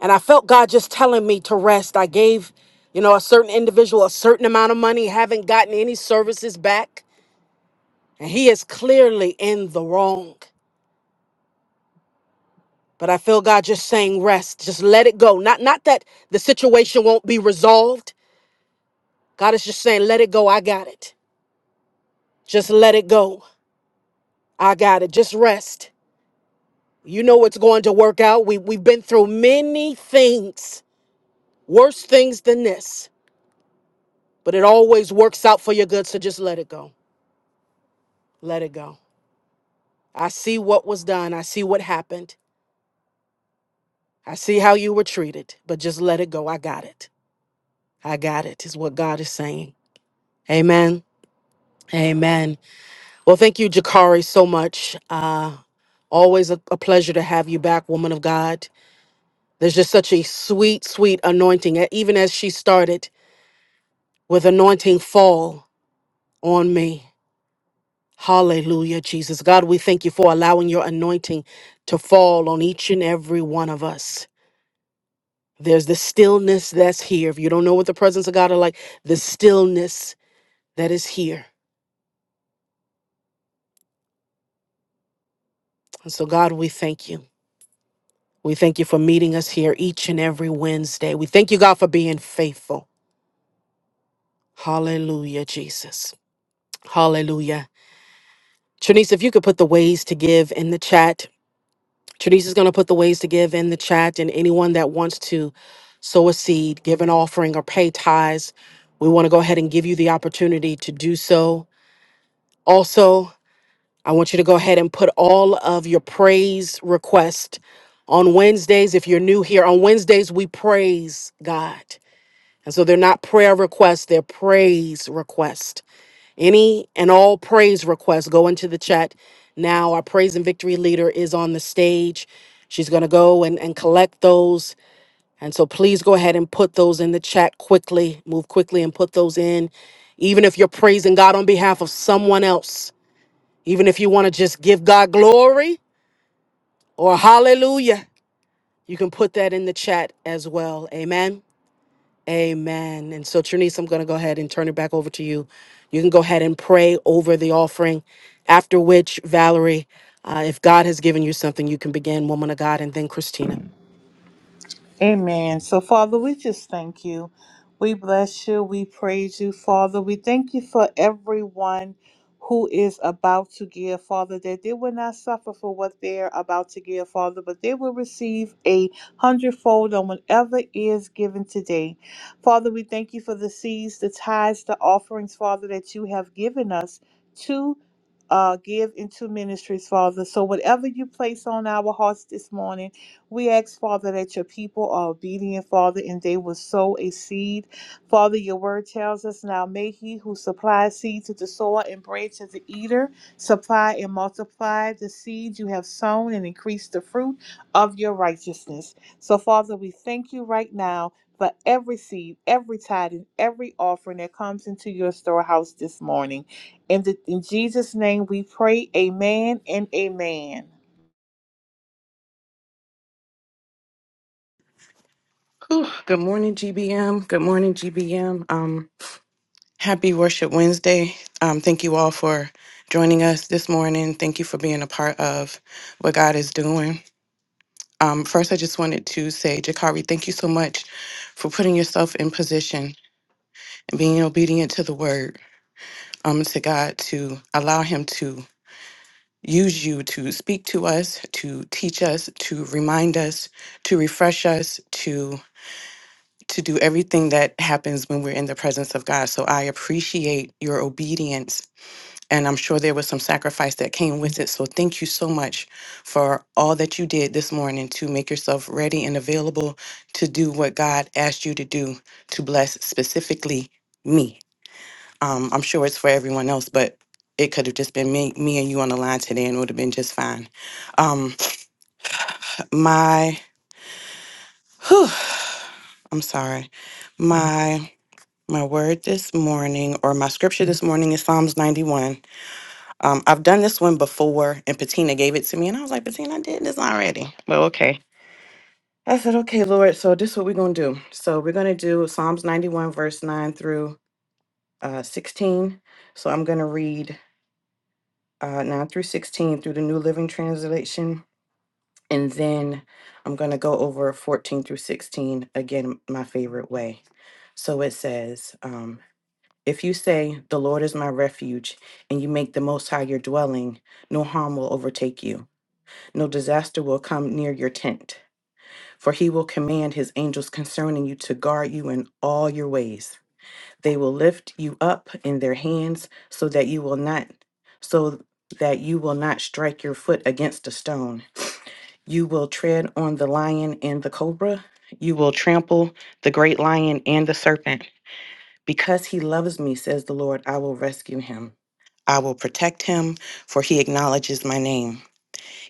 And I felt God just telling me to rest. I gave, you know, a certain individual a certain amount of money, haven't gotten any services back. And he is clearly in the wrong. But I feel God just saying, rest. Just let it go. Not not that the situation won't be resolved. God is just saying, let it go. I got it. Just let it go. I got it. Just rest. You know it's going to work out. We we've been through many things, worse things than this. But it always works out for your good. So just let it go. Let it go. I see what was done. I see what happened. I see how you were treated, but just let it go. I got it. I got it, is what God is saying. Amen. Amen. Well, thank you, Jakari, so much. Uh, always a, a pleasure to have you back, woman of God. There's just such a sweet, sweet anointing, e- even as she started with anointing fall on me. Hallelujah, Jesus. God, we thank you for allowing your anointing to fall on each and every one of us. There's the stillness that's here. If you don't know what the presence of God are like, the stillness that is here. And so, God, we thank you. We thank you for meeting us here each and every Wednesday. We thank you, God, for being faithful. Hallelujah, Jesus. Hallelujah. Trinice, if you could put the ways to give in the chat. Trinice is going to put the ways to give in the chat. And anyone that wants to sow a seed, give an offering, or pay tithes, we want to go ahead and give you the opportunity to do so. Also, I want you to go ahead and put all of your praise request on Wednesdays. If you're new here, on Wednesdays, we praise God. And so they're not prayer requests, they're praise requests. Any and all praise requests go into the chat now. Our praise and victory leader is on the stage. She's going to go and, and collect those. And so please go ahead and put those in the chat quickly. Move quickly and put those in. Even if you're praising God on behalf of someone else, even if you want to just give God glory or hallelujah, you can put that in the chat as well. Amen. Amen. And so, Trinice, I'm going to go ahead and turn it back over to you. You can go ahead and pray over the offering, after which, Valerie, uh, if God has given you something, you can begin, woman of God, and then Christina. Amen. So, Father, we just thank you. We bless you. We praise you, Father. We thank you for everyone who is about to give, Father, that they will not suffer for what they're about to give, Father, but they will receive a hundredfold on whatever is given today. Father, we thank you for the seeds, the tithes, the offerings, Father, that you have given us to. Uh, give into ministries, Father. So, whatever you place on our hearts this morning, we ask, Father, that your people are obedient, Father, and they will sow a seed. Father, your word tells us now, may he who supplies seed to the sower and bread to the eater supply and multiply the seed you have sown and increase the fruit of your righteousness. So, Father, we thank you right now for every seed, every tithe, and every offering that comes into your storehouse this morning. In, the, in Jesus' name we pray, amen and amen. Whew. Good morning, GBM. Good morning, GBM. Um, happy Worship Wednesday. Um, thank you all for joining us this morning. Thank you for being a part of what God is doing. Um, first, I just wanted to say, Jakari, thank you so much for putting yourself in position and being obedient to the word, um, to God, to allow Him to use you to speak to us, to teach us, to remind us, to refresh us, to do everything that happens when we're in the presence of God. So I appreciate your obedience. And I'm sure there was some sacrifice that came with it. So thank you so much for all that you did this morning to make yourself ready and available to do what God asked you to do to bless specifically me. Um, I'm sure it's for everyone else, but it could have just been me, me and you on the line today and it would have been just fine. Um, my, whew, I'm sorry. My. My word this morning, or my scripture this morning, is Psalms 91. Um, I've done this one before, and Patina gave it to me, and I was like, Patina, I did this already. Well, okay. I said, okay, Lord, so this is what we're going to do. So we're going to do Psalms 91, verse 9 through uh, 16. So I'm going to read uh, 9 through 16 through the New Living Translation, and then I'm going to go over 14 through 16 again, my favorite way. So it says, um, If you say, The Lord is my refuge, and you make the Most High your dwelling, no harm will overtake you, no disaster will come near your tent. For he will command his angels concerning you to guard you in all your ways. They will lift you up in their hands so that you will not so that you will not strike your foot against a stone. You will tread on the lion and the cobra. You will trample the great lion and the serpent. Because he loves me, says the Lord, I will rescue him. I will protect him, for he acknowledges my name.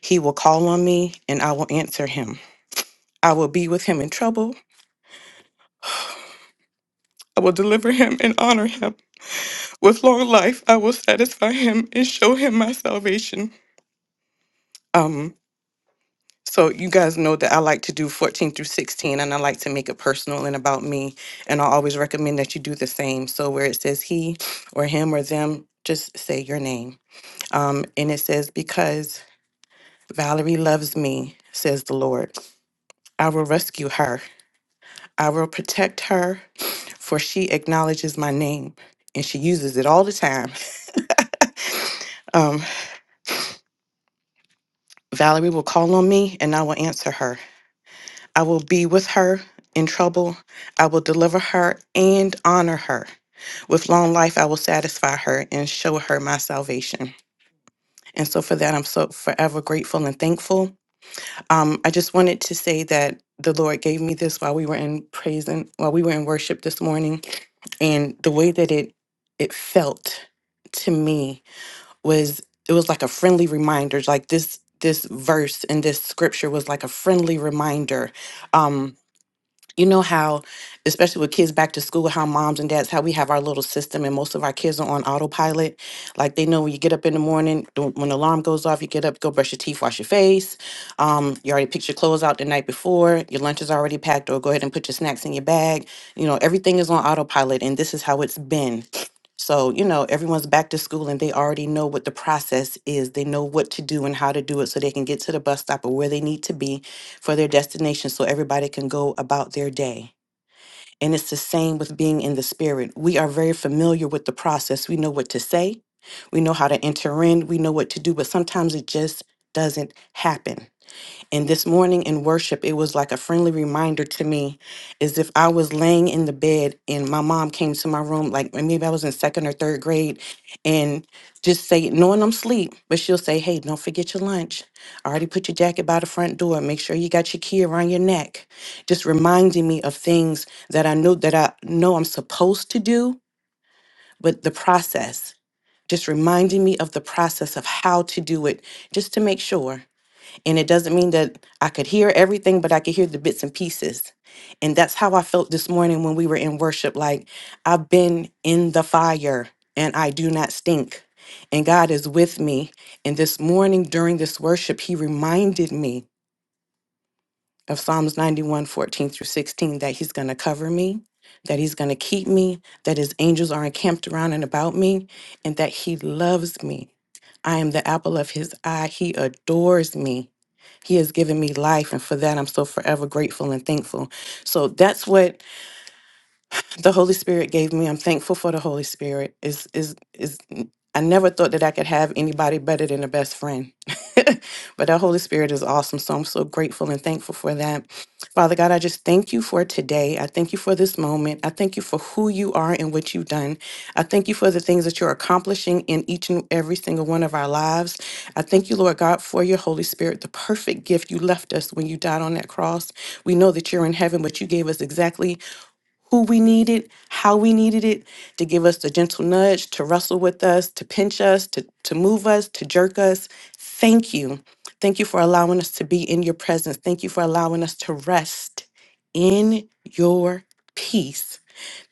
He will call on me, and I will answer him. I will be with him in trouble. I will deliver him and honor him. With long life, I will satisfy him and show him my salvation. Um, so you guys know that I like to do 14 through 16, and I like to make it personal and about me. And I always recommend that you do the same. So where it says he or him or them, just say your name. Um, and it says, Because Valerie loves me, says the Lord, I will rescue her. I will protect her, for she acknowledges my name and she uses it all the time. Um, Valerie will call on me and I will answer her. I will be with her in trouble. I will deliver her and honor her. With long life, I will satisfy her and show her my salvation. And so for that, I'm so forever grateful and thankful. Um, I just wanted to say that the Lord gave me this while we were in praise and while we were in worship this morning, and the way that it it felt to me was it was like a friendly reminder, like this this verse and this scripture was like a friendly reminder. Um, you know how especially with kids back to school how moms and dads how we have our little system and most of our kids are on autopilot like they know when you get up in the morning the- when the alarm goes off you get up go brush your teeth wash your face um, you already picked your clothes out the night before your lunch is already packed or go ahead and put your snacks in your bag you know everything is on autopilot and this is how it's been so you know everyone's back to school and they already know what the process is they know what to do and how to do it so they can get to the bus stop or where they need to be for their destination so everybody can go about their day. And it's the same with being in the spirit. We are very familiar with the process. We know what to say, we know how to enter in, we know what to do, but sometimes it just doesn't happen. And this morning in worship, it was like a friendly reminder to me as if I was laying in the bed and my mom came to my room, like and maybe I was in second or third grade, and just say, knowing I'm asleep, but she'll say, Hey, don't forget your lunch. I already put your jacket by the front door. Make sure you got your key around your neck. Just reminding me of things that I know that I know I'm supposed to do, but the process. Just reminding me of the process of how to do it, just to make sure. And it doesn't mean that I could hear everything, but I could hear the bits and pieces. And that's how I felt this morning when we were in worship. Like, I've been in the fire and I do not stink. And God is with me. And this morning during this worship, He reminded me of Psalms 91:14 through 16, that he's going to cover me, that he's going to keep me, that his angels are encamped around and about me, and that he loves me. I am the apple of his eye. He adores me. He has given me life, and for that I'm so forever grateful and thankful. So that's what the Holy Spirit gave me. I'm thankful for the Holy Spirit. Is is is I never thought that I could have anybody better than a best friend. but that Holy Spirit is awesome. So I'm so grateful and thankful for that. Father God, I just thank you for today. I thank you for this moment. I thank you for who you are and what you've done. I thank you for the things that you're accomplishing in each and every single one of our lives. I thank you, Lord God, for your Holy Spirit, the perfect gift you left us when you died on that cross. We know that you're in heaven, but you gave us exactly who we needed, how we needed it, to give us the gentle nudge, to wrestle with us, to pinch us, to, to move us, to jerk us. Thank you. Thank you for allowing us to be in your presence. Thank you for allowing us to rest in your peace.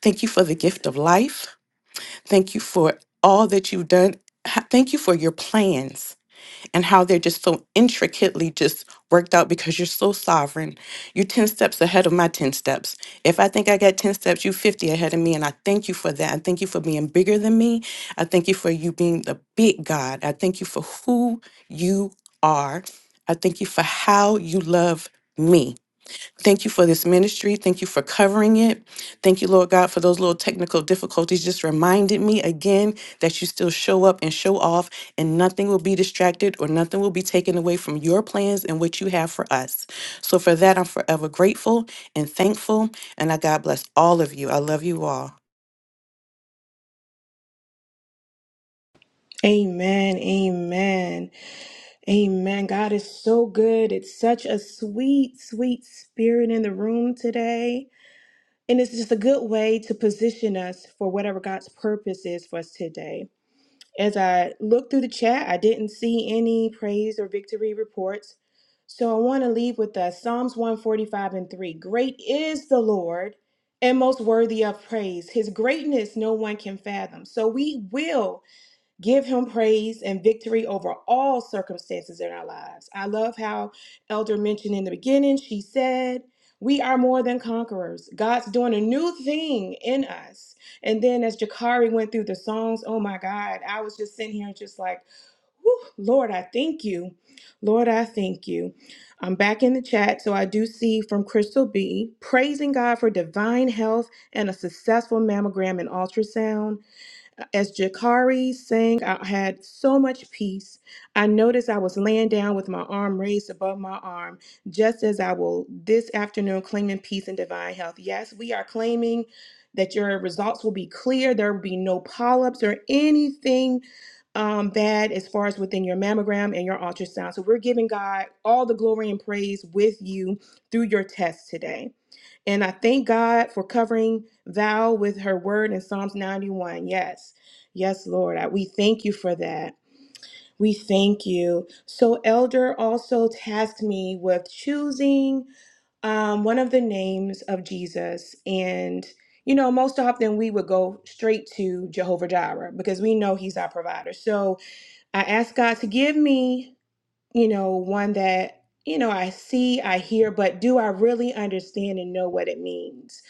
Thank you for the gift of life. Thank you for all that you've done. Ha- Thank you for your plans and how they're just so intricately just worked out because you're so sovereign. You're 10 steps ahead of my 10 steps. If I think I got 10 steps, you 50 ahead of me. And I thank you for that. I thank you for being bigger than me. I thank you for you being the big God. I thank you for who you are. I thank you for how you love me. Thank you for this ministry. Thank you for covering it. Thank you, Lord God, for those little technical difficulties. Just reminded me again that you still show up and show off, and nothing will be distracted or nothing will be taken away from your plans and what you have for us. So, for that, I'm forever grateful and thankful. And I God bless all of you. I love you all. Amen. Amen. Amen. God is so good. It's such a sweet, sweet spirit in the room today. And it's just a good way to position us for whatever God's purpose is for us today. As I looked through the chat, I didn't see any praise or victory reports. So I want to leave with us Psalms 145 and 3. Great is the Lord and most worthy of praise. His greatness no one can fathom. So we will. Give him praise and victory over all circumstances in our lives. I love how Elder mentioned in the beginning, she said, We are more than conquerors. God's doing a new thing in us. And then as Jakari went through the songs, oh my God, I was just sitting here just like, Whew, Lord, I thank you. Lord, I thank you. I'm back in the chat. So I do see from Crystal B, praising God for divine health and a successful mammogram and ultrasound. Uh, As Jakari sang, I had so much peace. I noticed I was laying down with my arm raised above my arm, just as I will this afternoon, claiming peace and divine health. Yes, we are claiming that your results will be clear. There will be no polyps or anything um, bad as far as within your mammogram and your ultrasound. So we're giving God all the glory and praise with you through your test today. And I thank God for covering thou with her word in Psalms 91. Yes. Yes, Lord. I, we thank you for that. We thank you. So, Elder also tasked me with choosing um, one of the names of Jesus. And, you know, most often we would go straight to Jehovah Jireh because we know he's our provider. So I asked God to give me, you know, one that, you know, I see, I hear, but do I really understand and know what it means?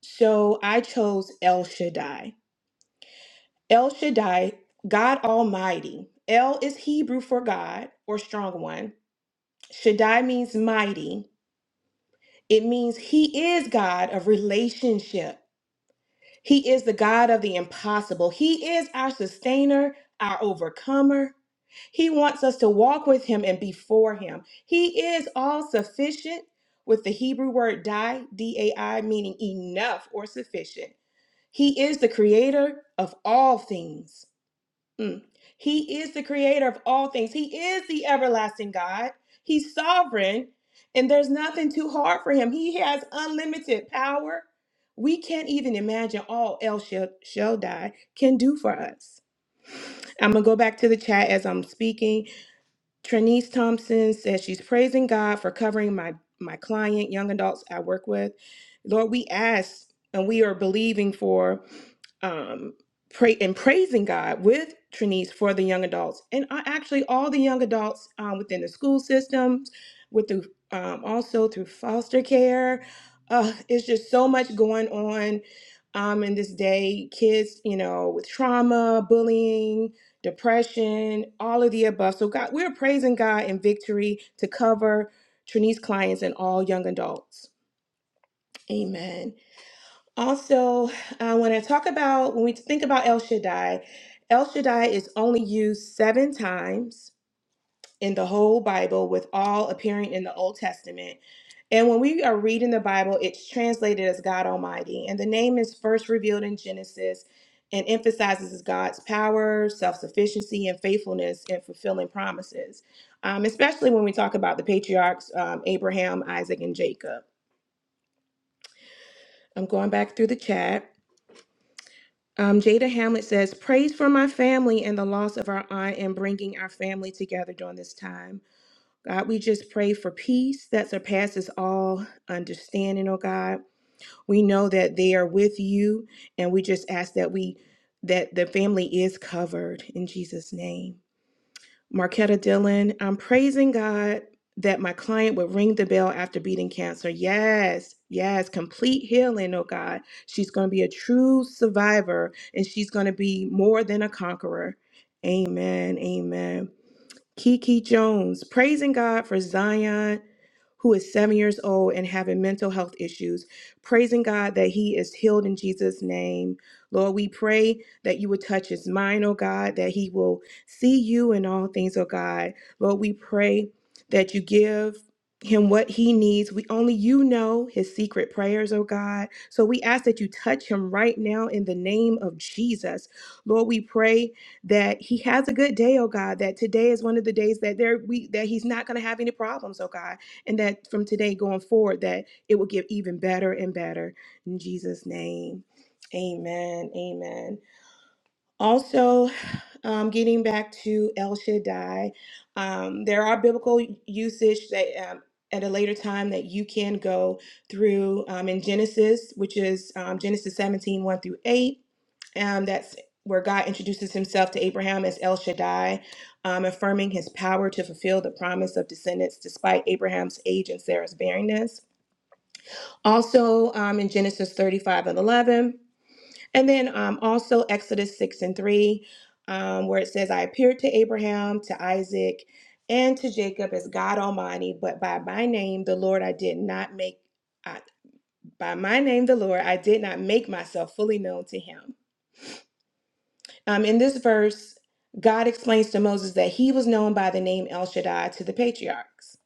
So I chose El Shaddai. El Shaddai, God Almighty. El is Hebrew for God or strong one. Shaddai means mighty. It means he is God of relationship. He is the God of the impossible. He is our sustainer, our overcomer. He wants us to walk with him and before him. He is all sufficient with the Hebrew word dai, D A I, meaning enough or sufficient. He is the creator of all things. Mm. He is the creator of all things. He is the everlasting God. He's sovereign, and there's nothing too hard for him. He has unlimited power. We can't even imagine all El Shel- Shaddai can do for us. I'm going to go back to the chat as I'm speaking. Trinice Thompson says she's praising God for covering my my client, young adults I work with. Lord, we ask and we are believing for um pray and praising God with Trinice for the young adults and uh, actually all the young adults um, within the school systems, with the um, also through foster care. Uh, it's just so much going on um, in this day. Kids, you know, with trauma, bullying, depression, all of the above. So God, we're praising God in victory to cover Trini's clients and all young adults. Amen. Also, uh, when I talk about when we think about El Shaddai, El Shaddai is only used seven times in the whole Bible, with all appearing in the Old Testament. And when we are reading the Bible, it's translated as God Almighty. And the name is first revealed in Genesis and emphasizes God's power, self sufficiency, and faithfulness in fulfilling promises, um, especially when we talk about the patriarchs um, Abraham, Isaac, and Jacob. I'm going back through the chat. Um, Jada Hamlet says, Praise for my family and the loss of our aunt and bringing our family together during this time. God, we just pray for peace that surpasses all understanding, oh God. We know that they are with you, and we just ask that we that the family is covered in Jesus' name. Marquetta Dillon, I'm praising God that my client would ring the bell after beating cancer. Yes, yes, complete healing, oh God. She's going to be a true survivor and she's going to be more than a conqueror. Amen. Amen. Kiki Jones, praising God for Zion who is seven years old and having mental health issues. Praising God that he is healed in Jesus' name. Lord, we pray that you would touch his mind, oh God, that he will see you in all things, oh God. Lord, we pray that you give him what he needs. We only you know his secret prayers, oh God. So we ask that you touch him right now in the name of Jesus. Lord, we pray that he has a good day, oh God, that today is one of the days that there we that he's not going to have any problems, oh God and that from today going forward that it will get even better and better in jesus name amen amen also um, getting back to el shaddai um, there are biblical usage that um, at a later time that you can go through um, in genesis which is um, genesis seventeen one through 8 um, that's where God introduces himself to Abraham as El Shaddai, um, affirming his power to fulfill the promise of descendants despite Abraham's age and Sarah's barrenness. Also um, in Genesis 35 and 11. And then um, also Exodus 6 and 3, um, where it says, I appeared to Abraham, to Isaac, and to Jacob as God Almighty, but by my name, the Lord, I did not make. I, by my name, the Lord, I did not make myself fully known to him. Um, in this verse, God explains to Moses that he was known by the name El Shaddai to the patriarchs.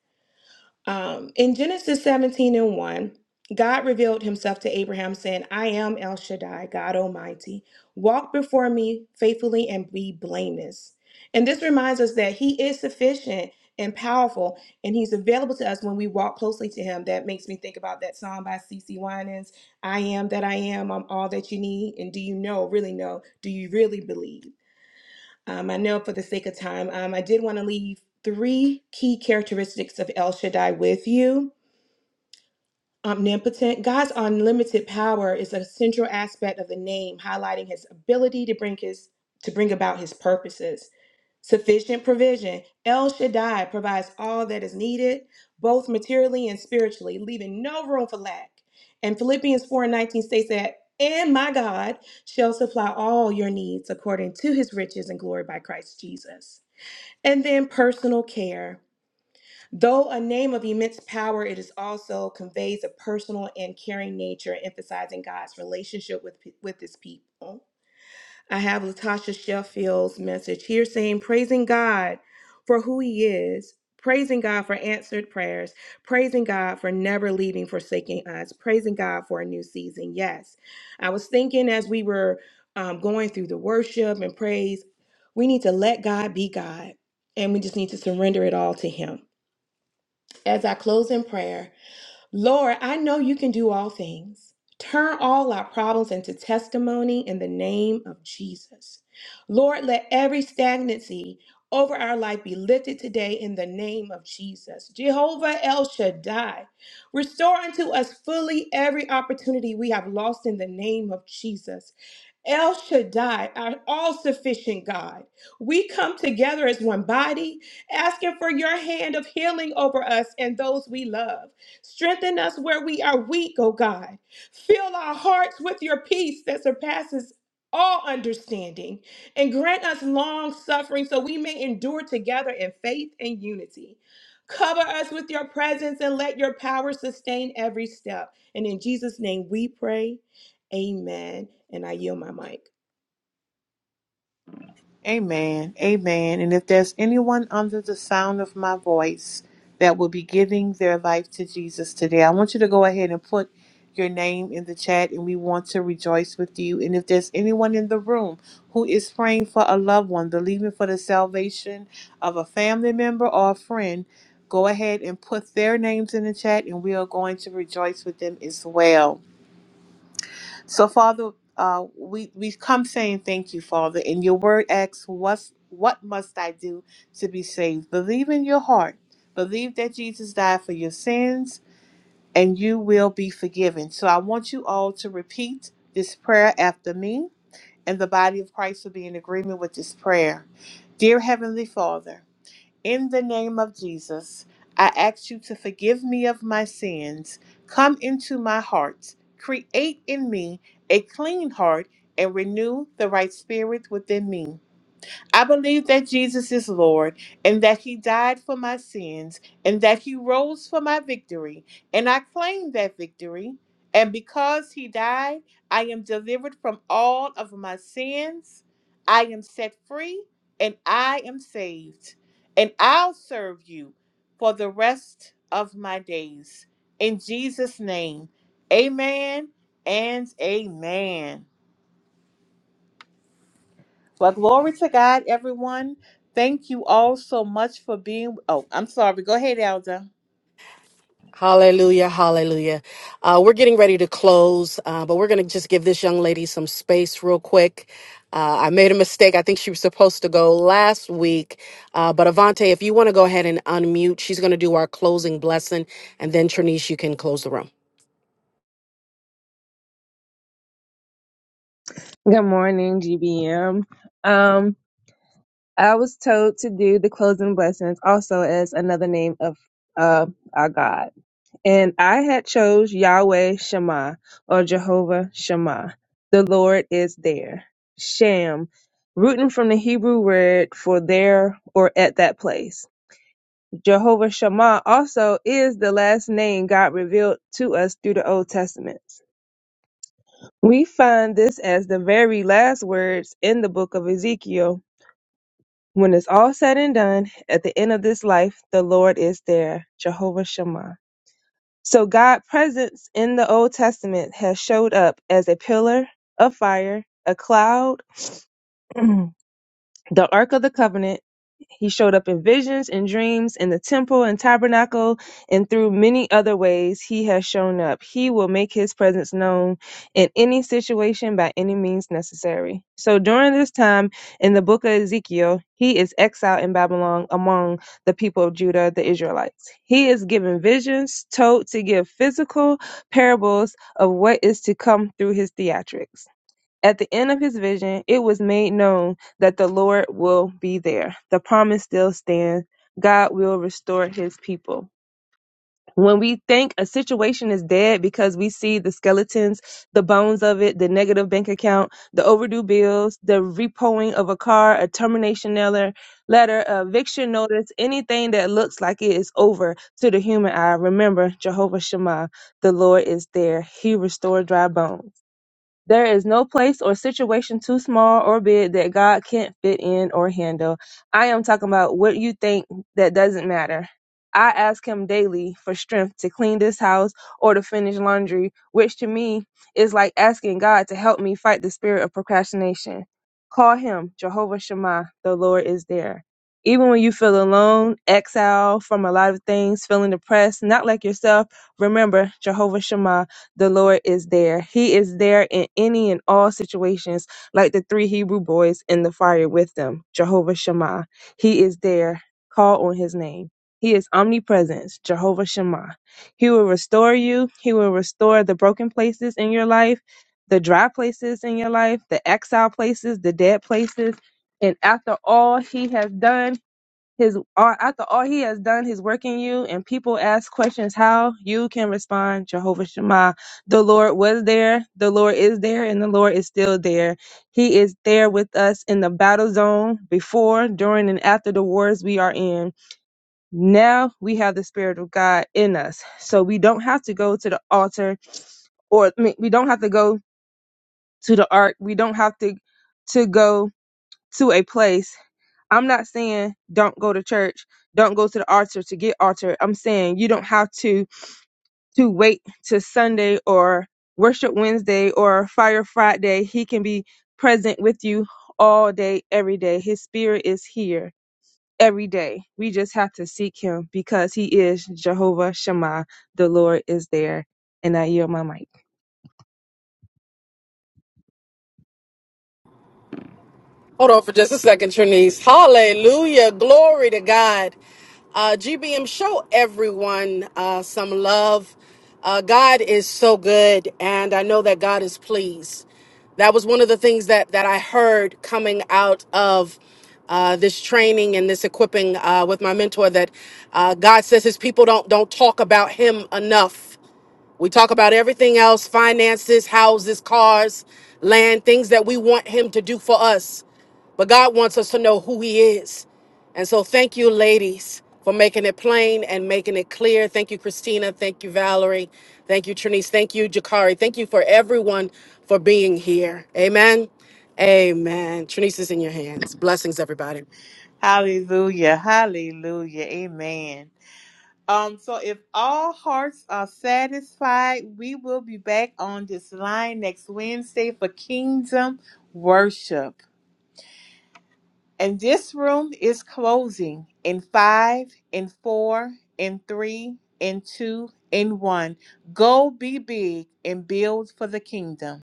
Um, in Genesis 17 and 1, God revealed himself to Abraham, saying, I am El Shaddai, God Almighty. Walk before me faithfully and be blameless. And this reminds us that he is sufficient and powerful, and he's available to us when we walk closely to him. That makes me think about that song by C. C. Winans I am that I am, I'm all that you need. And do you know, really know, do you really believe? Um, I know for the sake of time, um, I did want to leave three key characteristics of El Shaddai with you. Omnipotent, God's unlimited power is a central aspect of the name, highlighting his ability to bring his to bring about his purposes. Sufficient provision. El Shaddai provides all that is needed, both materially and spiritually, leaving no room for lack. And Philippians 4 and 19 states that, and my God shall supply all your needs according to his riches and glory by Christ Jesus. And then personal care. Though a name of immense power, it is also conveys a personal and caring nature, emphasizing God's relationship with, with his people. I have Latasha Sheffield's message here saying, praising God for who He is, praising God for answered prayers, praising God for never leaving, forsaking us, praising God for a new season. Yes. I was thinking as we were um, going through the worship and praise, we need to let God be God and we just need to surrender it all to Him. As I close in prayer, Lord, I know you can do all things. Turn all our problems into testimony in the name of Jesus. Lord, let every stagnancy over our life be lifted today in the name of Jesus. Jehovah El Shaddai, restore unto us fully every opportunity we have lost in the name of Jesus. El Shaddai, our all sufficient God. We come together as one body, asking for your hand of healing over us and those we love. Strengthen us where we are weak, O God. Fill our hearts with your peace that surpasses all understanding and grant us long suffering so we may endure together in faith and unity. Cover us with your presence and let your power sustain every step. And in Jesus' name we pray. Amen. And I yield my mic. Amen. Amen. And if there's anyone under the sound of my voice that will be giving their life to Jesus today, I want you to go ahead and put your name in the chat and we want to rejoice with you. And if there's anyone in the room who is praying for a loved one, believing for the salvation of a family member or a friend, go ahead and put their names in the chat and we are going to rejoice with them as well. So, Father, uh, we we come saying thank you, Father. And your word asks, what what must I do to be saved?" Believe in your heart. Believe that Jesus died for your sins, and you will be forgiven. So, I want you all to repeat this prayer after me, and the body of Christ will be in agreement with this prayer. Dear Heavenly Father. In the name of Jesus, I ask you to forgive me of my sins. Come into my heart. Create in me a clean heart and renew the right spirit within me. I believe that Jesus is Lord and that he died for my sins and that he rose for my victory. And I claim that victory. And because he died, I am delivered from all of my sins. I am set free and I am saved. And I'll serve you for the rest of my days. In Jesus' name, amen and amen. Well, glory to God, everyone. Thank you all so much for being. Oh, I'm sorry. Go ahead, Elder. Hallelujah, hallelujah. Uh, we're getting ready to close, uh, but we're going to just give this young lady some space real quick. Uh, I made a mistake. I think she was supposed to go last week. Uh, but Avante, if you want to go ahead and unmute, she's going to do our closing blessing. And then, Trinice, you can close the room. Good morning, GBM. Um, I was told to do the closing blessings also as another name of uh, our God. And I had chose Yahweh Shema or Jehovah Shema. The Lord is there. Sham, rooting from the Hebrew word for there or at that place. Jehovah Shema also is the last name God revealed to us through the Old Testament. We find this as the very last words in the book of Ezekiel When it's all said and done, at the end of this life, the Lord is there, Jehovah Shammah. So God's presence in the Old Testament has showed up as a pillar of fire, a cloud, the Ark of the Covenant. He showed up in visions and dreams in the temple and tabernacle, and through many other ways he has shown up. He will make his presence known in any situation by any means necessary. So during this time in the book of Ezekiel, he is exiled in Babylon among the people of Judah, the Israelites. He is given visions, told to give physical parables of what is to come through his theatrics. At the end of his vision, it was made known that the Lord will be there. The promise still stands. God will restore his people. When we think a situation is dead because we see the skeletons, the bones of it, the negative bank account, the overdue bills, the repoing of a car, a termination letter, letter, a eviction notice, anything that looks like it is over to the human eye, remember Jehovah Shammah. the Lord is there. He restored dry bones. There is no place or situation too small or big that God can't fit in or handle. I am talking about what you think that doesn't matter. I ask him daily for strength to clean this house or to finish laundry, which to me is like asking God to help me fight the spirit of procrastination. Call him Jehovah Shammah, the Lord is there. Even when you feel alone, exiled from a lot of things, feeling depressed, not like yourself, remember Jehovah Shammah. The Lord is there. He is there in any and all situations, like the three Hebrew boys in the fire with them. Jehovah Shammah. He is there. Call on his name. He is omnipresent, Jehovah Shammah. He will restore you. He will restore the broken places in your life, the dry places in your life, the exile places, the dead places. And after all he has done, his all, after all he has done his work in you, and people ask questions how you can respond, Jehovah Shema. The Lord was there, the Lord is there, and the Lord is still there. He is there with us in the battle zone before, during, and after the wars we are in. Now we have the Spirit of God in us, so we don't have to go to the altar, or I mean, we don't have to go to the ark. We don't have to to go to a place I'm not saying don't go to church, don't go to the altar to get altar. I'm saying you don't have to to wait to Sunday or worship Wednesday or fire Friday. He can be present with you all day every day. His spirit is here every day. We just have to seek him because he is Jehovah Shammah. The Lord is there. And I yield my mic. Hold on for just a second, Trinice. Hallelujah. Glory to God. Uh, GBM, show everyone uh, some love. Uh, God is so good, and I know that God is pleased. That was one of the things that, that I heard coming out of uh, this training and this equipping uh, with my mentor that uh, God says his people don't, don't talk about him enough. We talk about everything else finances, houses, cars, land, things that we want Him to do for us. But God wants us to know who He is. And so, thank you, ladies, for making it plain and making it clear. Thank you, Christina. Thank you, Valerie. Thank you, Trinice. Thank you, Jakari. Thank you for everyone for being here. Amen. Amen. Trinice is in your hands. Blessings, everybody. Hallelujah. Hallelujah. Amen. Um, so if all hearts are satisfied, we will be back on this line next Wednesday for kingdom worship. And this room is closing in five, in four, in three, in two, in one. Go be big and build for the kingdom.